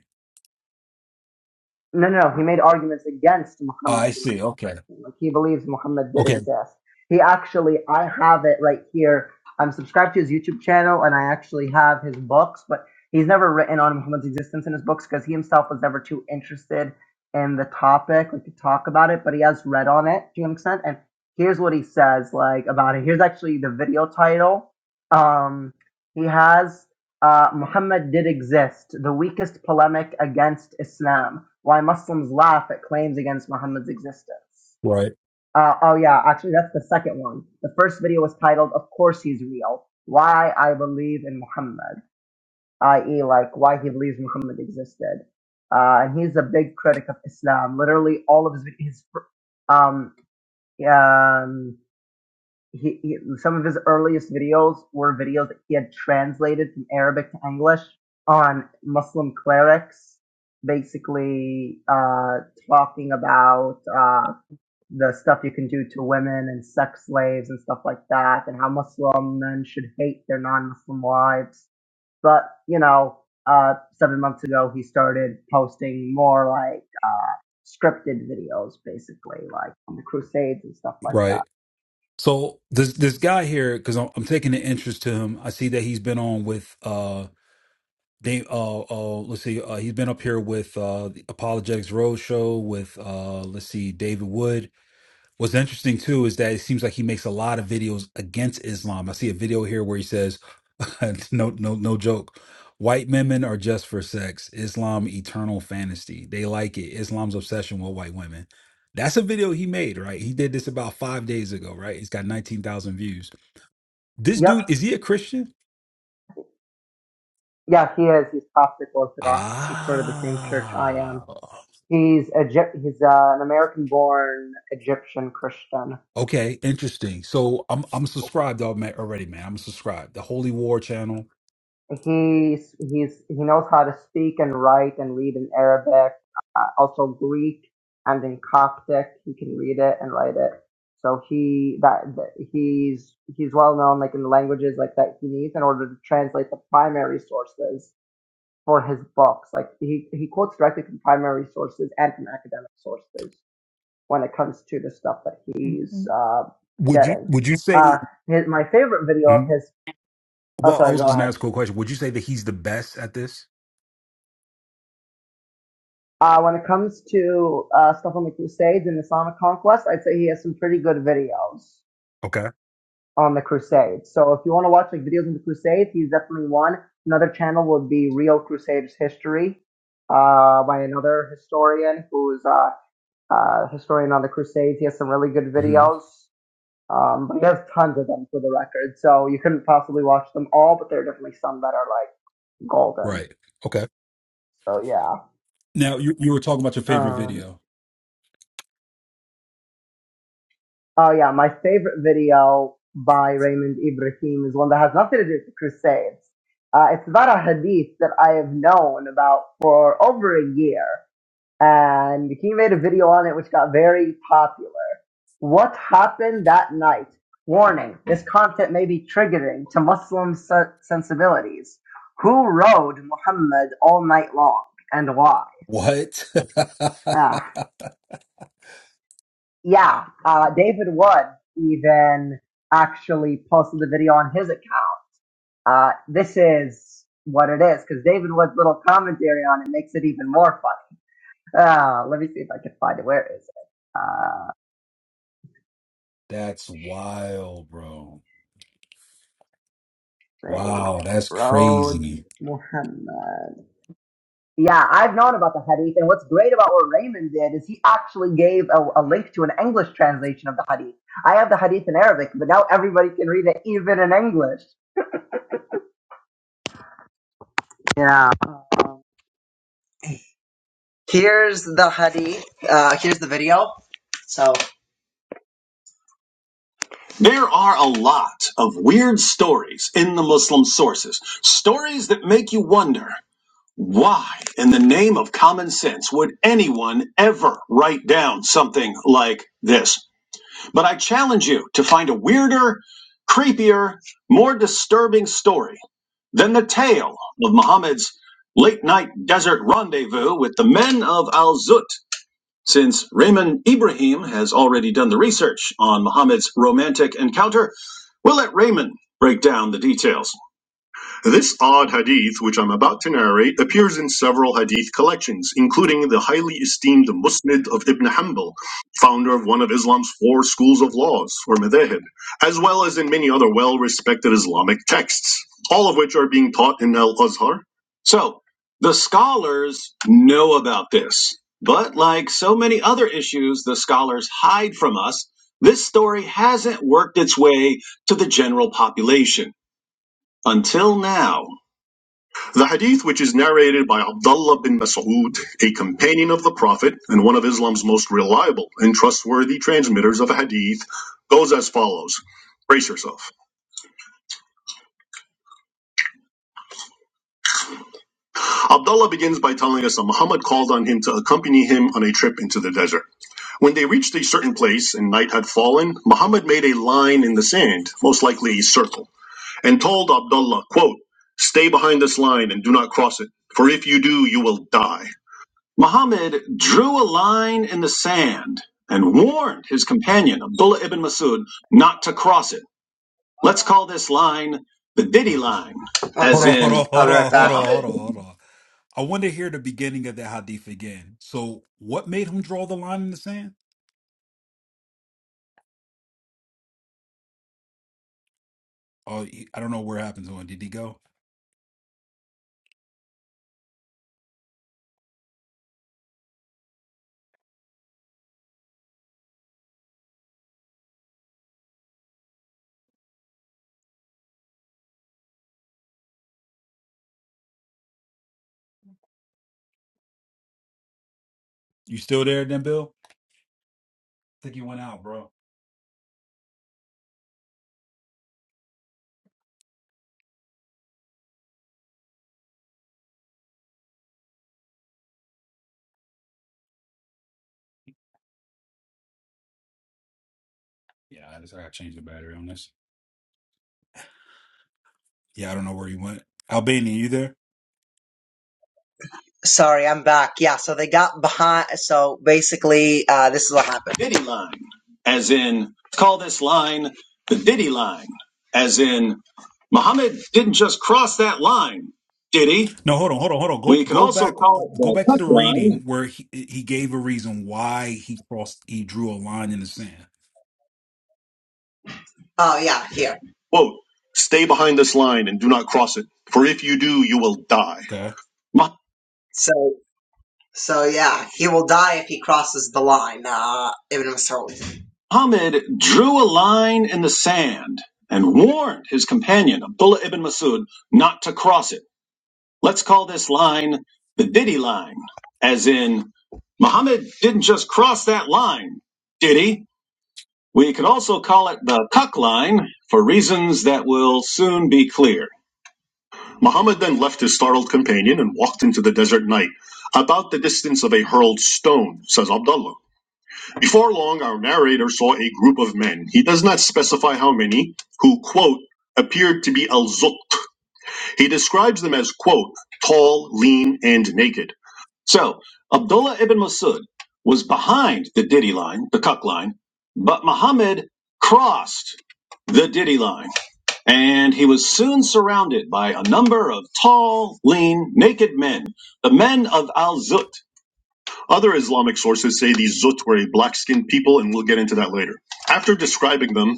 Speaker 4: No, no, no. He made arguments against
Speaker 3: I
Speaker 4: Muhammad.
Speaker 3: see. Okay.
Speaker 4: Like he believes Muhammad did
Speaker 3: Okay.
Speaker 4: exist. He actually, I have it right here. I'm subscribed to his YouTube channel, and I actually have his books. But he's never written on Muhammad's existence in his books because he himself was never too interested in the topic, like to talk about it. But he has read on it to an extent. And here's what he says, like about it. Here's actually the video title. Um, he has uh, Muhammad did exist, the weakest polemic against Islam. Why Muslims laugh at claims against Muhammad's existence.
Speaker 3: Right.
Speaker 4: Uh, oh yeah, actually that's the second one. The first video was titled "Of Course He's Real: Why I Believe in Muhammad," i.e., like why he believes Muhammad existed. Uh, and he's a big critic of Islam. Literally all of his his um, um he, he some of his earliest videos were videos that he had translated from Arabic to English on Muslim clerics, basically uh, talking about uh, the stuff you can do to women and sex slaves and stuff like that, and how Muslim men should hate their non-Muslim wives. But you know, uh, seven months ago, he started posting more like uh, scripted videos, basically like on the Crusades and stuff like
Speaker 3: Right.
Speaker 4: that.
Speaker 3: So this this guy here, because I'm, I'm taking an interest to him. I see that he's been on with uh Dave. Uh, uh let's see. Uh, he's been up here with uh the Apologetics Roadshow with uh let's see David Wood. What's interesting too is that it seems like he makes a lot of videos against Islam. I see a video here where he says, "No, no, no joke. White women are just for sex. Islam eternal fantasy. They like it. Islam's obsession with white women." That's a video he made, right? He did this about five days ago, right? He's got nineteen thousand views. This
Speaker 4: Yep.
Speaker 3: dude is he a Christian?
Speaker 4: Yeah, he is. He's Coptic Orthodox. He's part of the same church I am.
Speaker 3: Ah,
Speaker 4: He's Egypt. He's uh, an American-born Egyptian Christian.
Speaker 3: okay, interesting. So I'm I'm
Speaker 4: Okay.
Speaker 3: subscribed alma- already, man. I'm subscribed. The Holy War channel
Speaker 4: He's he's he knows how to speak and write and read in Arabic, uh, also Greek and in Coptic. He can read it and write it. So he that, that he's he's well known like in the languages like that he needs in order to translate the primary sources for his books. Like he he quotes directly from primary sources and from academic sources. when it comes to the stuff that he's uh,
Speaker 3: would you
Speaker 4: getting.
Speaker 3: would you say
Speaker 4: Uh, his, my favorite video of
Speaker 3: hmm
Speaker 4: his. Oh,
Speaker 3: Well, I
Speaker 4: sorry.
Speaker 3: was
Speaker 4: Go
Speaker 3: going to
Speaker 4: ahead.
Speaker 3: ask you a question. Would you say that he's the best at this?
Speaker 4: Uh, when it comes to uh, stuff on the Crusades and Islamic conquest, I'd say he has some pretty good videos
Speaker 3: Okay.
Speaker 4: on the Crusades. So if you want to watch like videos on the Crusades, he's definitely one. Another channel would be Real Crusaders History uh, by another historian who's a uh, uh, historian on the Crusades. He has some really good
Speaker 3: hmm
Speaker 4: videos Um, but he has tons of them for the record, so you couldn't possibly watch them all, but there are definitely some that are like golden.
Speaker 3: Right. Okay.
Speaker 4: So yeah.
Speaker 3: Now you you were talking about your favorite
Speaker 4: Um,
Speaker 3: video.
Speaker 4: oh yeah, my favorite video by Raymond Ibrahim is one that has nothing to do with Crusades. Uh, it's about a hadith that I have known about for over a year, and he made a video on it which got very popular. What happened that night? Warning, this content may be triggering to Muslim se- sensibilities. Who rode Muhammad all night long and why?
Speaker 3: What?
Speaker 4: Ah, yeah, uh, David Wood even actually posted the video on his account. Uh, this is what it is because David Wood's little commentary on it makes it even more funny. Uh, let me see if I can find it. Where is it? Uh,
Speaker 3: that's wild, bro.
Speaker 4: they
Speaker 3: Wow, that's
Speaker 4: rode
Speaker 3: crazy.
Speaker 4: Muhammad. Yeah, I've known about the hadith, and what's great about what Raymond did is he actually gave a, a link to an English translation of the hadith. I have the hadith in Arabic, but now everybody can read it even in English. Yeah. Here's the hadith. Uh, here's the video. So There are a lot of weird stories in the Muslim sources, stories that make you wonder why, in the name of common sense, would anyone ever write down something like this? But I challenge you to find a weirder, creepier, more disturbing story than the tale of Muhammad's late night desert rendezvous with the men of Al Zut, since Raymond Ibrahim has already done the research on Muhammad's romantic encounter. We'll let Raymond break down the details. This odd hadith, which I'm about to narrate, appears in several hadith collections, including the highly esteemed Musnad of Ibn Hanbal, founder of one of Islam's four schools of laws, or madhahib, as well as in many other well respected Islamic texts, all of which are being taught in Al Azhar. So, the scholars know about this, but like so many other issues the scholars hide from us, this story hasn't worked its way to the general population until now. The hadith, which is narrated by Abdullah bin Mas'ud, a companion of the Prophet and one of Islam's most reliable and trustworthy transmitters of hadith, goes as follows. Brace yourself. Abdullah begins by telling us that Muhammad called on him to accompany him on a trip into the desert. When they reached a certain place and night had fallen, Muhammad made a line in the sand, most likely a circle, and told Abdullah, quote, Stay behind this line and do not cross it, for if you do, you will die. Muhammad drew a line in the sand and warned his companion, Abdullah ibn Masud, not to cross it. Let's call this line the Diddy line. as
Speaker 3: Hold on, hold
Speaker 4: in,
Speaker 3: on,
Speaker 4: I'll
Speaker 3: hold
Speaker 4: be right
Speaker 3: on, hold
Speaker 4: back.
Speaker 3: on, hold
Speaker 4: Muhammad-
Speaker 3: on, hold on. I want to hear the beginning of that hadith again. So, what made him draw the line in the sand? Oh, he- I don't know where it happened to him. Did he go? You still there, then, Bill? I think he went out, bro. Yeah, I just I got to change the battery on this. Yeah, I don't know where he went. Albania, you there?
Speaker 4: Sorry, I'm back. Yeah, so they got behind. So basically, uh, this is what happened. Diddy line, as in, let's call this line the Diddy line, as in, Muhammad didn't just cross that line, did he?
Speaker 3: No, hold on, hold on, hold on. Go
Speaker 4: We could
Speaker 3: go
Speaker 4: also
Speaker 3: back
Speaker 4: call it
Speaker 3: go back
Speaker 4: the
Speaker 3: to
Speaker 4: touch
Speaker 3: the
Speaker 4: line,
Speaker 3: reading where he he gave a reason why he crossed he drew a line in the sand.
Speaker 4: Oh yeah, here. Quote, stay behind this line and do not cross it, for if you do, you will die.
Speaker 3: Okay.
Speaker 4: Ma- So so yeah, he will die if he crosses the line. Uh, Ibn Mas'ud. Muhammad drew a line in the sand and warned his companion, Abdullah ibn Masud, not to cross it. Let's call this line the Diddy line, as in, Muhammad didn't just cross that line, did he? We could also call it the Cuck Line for reasons that will soon be clear. Muhammad then left his startled companion and walked into the desert night, about the distance of a hurled stone, says Abdullah. Before long, our narrator saw a group of men, he does not specify how many, who, quote, appeared to be al Zukt. He describes them as, quote, tall, lean, and naked. So Abdullah ibn Masud was behind the Diddy line, the Cuck line, but Muhammad crossed the Diddy line, and he was soon surrounded by a number of tall, lean, naked men, the men of Al Zut. Other Islamic sources say these Zut were a black skinned people, and we'll get into that later. After describing them,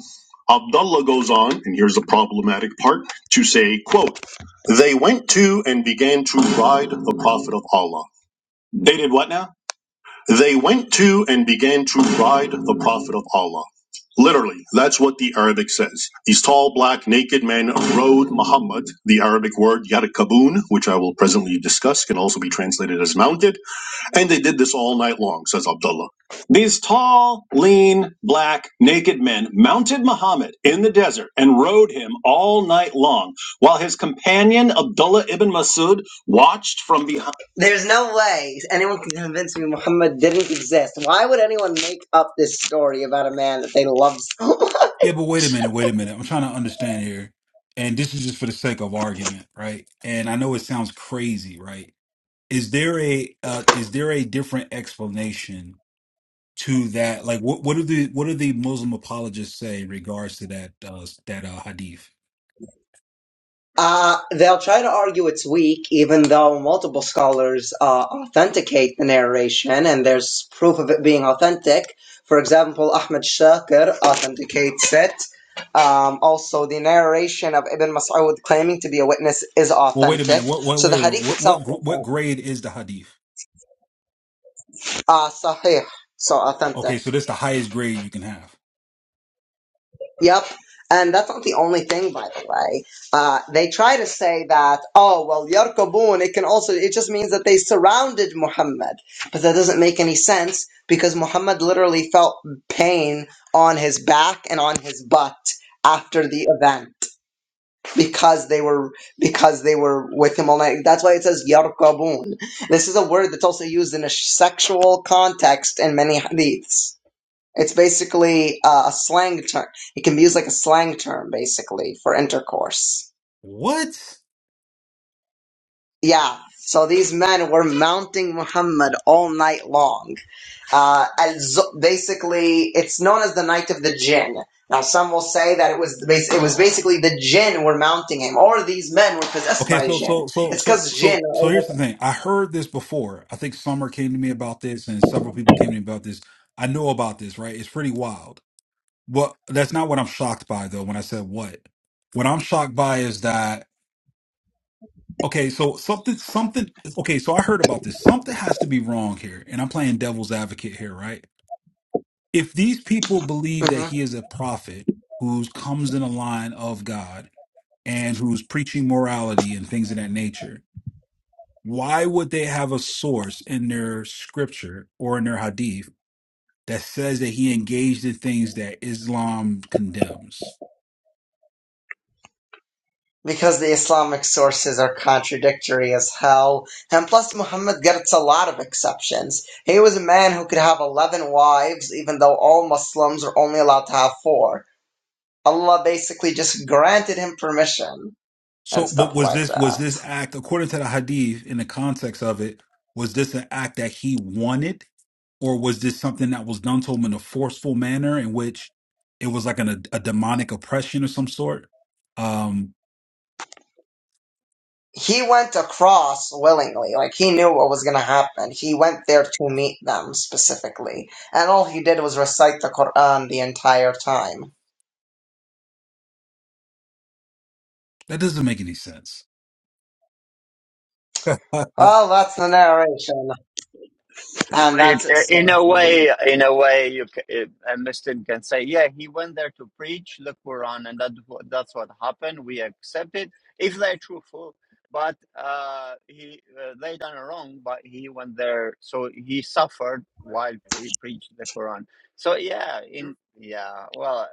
Speaker 4: Abdullah goes on, and here's the problematic part, to say, quote, They went to and began to ride the Prophet of Allah. They did what now? They went to and began to ride the Prophet of Allah. Literally, that's what the Arabic says. These tall, black, naked men rode Muhammad. The Arabic word yarkabun, which I will presently discuss, can also be translated as mounted. And they did this all night long, says Abdullah. These tall, lean, black, naked men mounted Muhammad in the desert and rode him all night long, while his companion Abdullah ibn Masud watched from behind. There's no way anyone can convince me Muhammad didn't exist. Why would anyone make up this story about a man that they love so much?
Speaker 3: Yeah, but wait a minute, wait a minute. I'm trying to understand here. And this is just for the sake of argument, right? And I know it sounds crazy, right? is there a uh, is there a different explanation to that? Like, what what do the what do the Muslim apologists say in regards to that uh, that uh, hadith?
Speaker 4: Uh, they'll try to argue it's weak, even though multiple scholars uh, authenticate the narration and there's proof of it being authentic. For example, Ahmed Shakir authenticates it. Um, also, the narration of Ibn Mas'ud claiming to be a witness is
Speaker 3: Well, wait a minute.
Speaker 4: authentic.
Speaker 3: What what
Speaker 4: So the
Speaker 3: wait?
Speaker 4: hadith
Speaker 3: What
Speaker 4: itself
Speaker 3: what gr-
Speaker 4: is
Speaker 3: what grade is the hadith?
Speaker 4: uh, sahih, so authentic.
Speaker 3: Okay, so that's the highest grade you can have.
Speaker 4: Yep. And that's not the only thing, by the way. Uh, they try to say that, oh, well, Yarkabun, it can also, it just means that they surrounded Muhammad. But that doesn't make any sense because Muhammad literally felt pain on his back and on his butt after the event because they were, because they were with him all night. That's why it says Yarkabun. This is a word that's also used in a sexual context in many hadiths. It's basically uh, a slang term. It can be used like a slang term, basically, for intercourse.
Speaker 3: What?
Speaker 4: Yeah. So these men were mounting Muhammad all night long. Uh, basically, it's known as the Night of the Jinn. Now, some will say that it was it was basically the Jinn were mounting him, or these men were possessed
Speaker 3: Okay,
Speaker 4: by
Speaker 3: so
Speaker 4: Jinn.
Speaker 3: so so
Speaker 4: It's
Speaker 3: so
Speaker 4: because Jinn
Speaker 3: so
Speaker 4: are
Speaker 3: so
Speaker 4: able
Speaker 3: here's the thing. I heard this before. I think Summer came to me about this, and several people came to me about this. I know about this, right? It's pretty wild. Well, that's not what I'm shocked by, though. When I said what, what I'm shocked by is that Okay, so something, something. Okay, so I heard about this. Something has to be wrong here, and I'm playing devil's advocate here, right? If these people
Speaker 4: to.
Speaker 3: believe that
Speaker 4: Mhm.
Speaker 3: he is a prophet who comes in a line of God and who's preaching morality and things of that nature, why would they have a source in their scripture or in their hadith that says that he engaged in things that Islam condemns?
Speaker 4: because the Islamic sources are contradictory as hell. And plus, Muhammad gets a lot of exceptions. He was a man who could have 11 wives, even though all Muslims are only allowed to have four. Allah basically just granted him permission and
Speaker 3: So, but
Speaker 4: stuff
Speaker 3: was
Speaker 4: like
Speaker 3: this was
Speaker 4: that.
Speaker 3: this act according to the hadith in the context of it? Was this an act that he wanted, or was this something that was done to him in a forceful manner in which it was like an, a, a demonic oppression of some sort? Um,
Speaker 4: He went across willingly, like he knew what was gonna happen. He went there to meet them specifically, and all he did was recite the Quran the entire time.
Speaker 3: that doesn't make any sense. I, I,
Speaker 4: Well, that's the narration, and that's
Speaker 1: It- in
Speaker 4: Islam.
Speaker 1: a
Speaker 4: for you.
Speaker 1: way, in a way, you ca- a Muslim can say, "Yeah, he went there to preach the Quran, and that wha- that's what happened. We accept it if they're truthful." But uh, he uh, they done wrong, but he went there, so he suffered while pre- preached the Quran. So yeah, in yeah, well,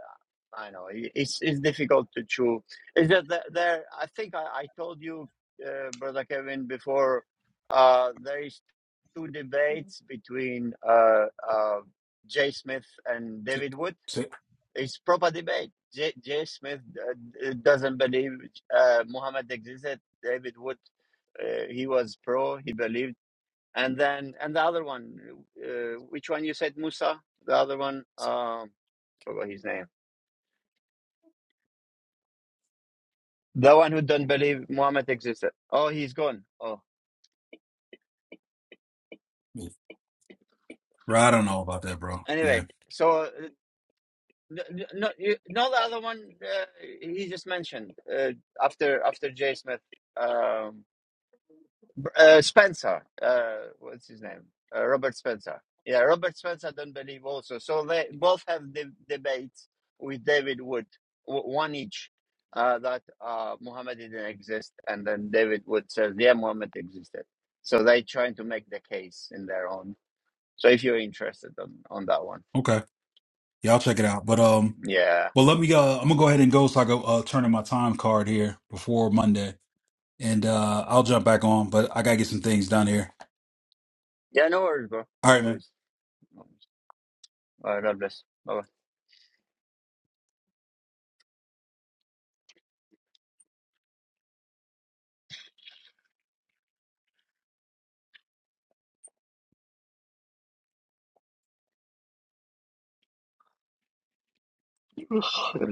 Speaker 1: I know i- it's it's difficult to choose. Is that the- there? I think I, I told you, uh, brother Kevin, before. Uh, there is two debates between uh, uh, Jay Smith and David Wood.
Speaker 3: So-
Speaker 1: It's proper debate. Jay, Jay Smith uh, doesn't believe uh, Muhammad existed. David Wood, uh, he was pro. He believed. And then and the other one, uh, which one you said, Musa? The other one, um, forgot his name. The one who don't believe Muhammad existed. Oh, he's gone. Oh,
Speaker 3: Bro, I don't know about that, bro. Yeah,
Speaker 1: anyway. So N- No, no, you, no, the other one uh, he just mentioned uh, after after Jay Smith, um, Br- uh, Spencer. Uh, what's his name? Uh, Robert Spencer. Yeah, Robert Spencer. Don't believe also. So they both have de- debates with David Wood, w- one each. Uh, that uh, Muhammad didn't exist, and then David Wood says, "Yeah, Muhammad existed." So they trying to make the case in their own. So if you're interested on on that one,
Speaker 3: okay, yeah, I'll check it out. But um,
Speaker 1: yeah,
Speaker 3: well, let me. Uh, I'm gonna go ahead and go so I go uh, turn in my time card here before Monday, and uh, I'll jump back on. But I gotta get some things done here.
Speaker 1: yeah, no worries, bro,
Speaker 3: All
Speaker 1: no
Speaker 3: right, man.
Speaker 1: worries. Uh, God bless. Bye bye.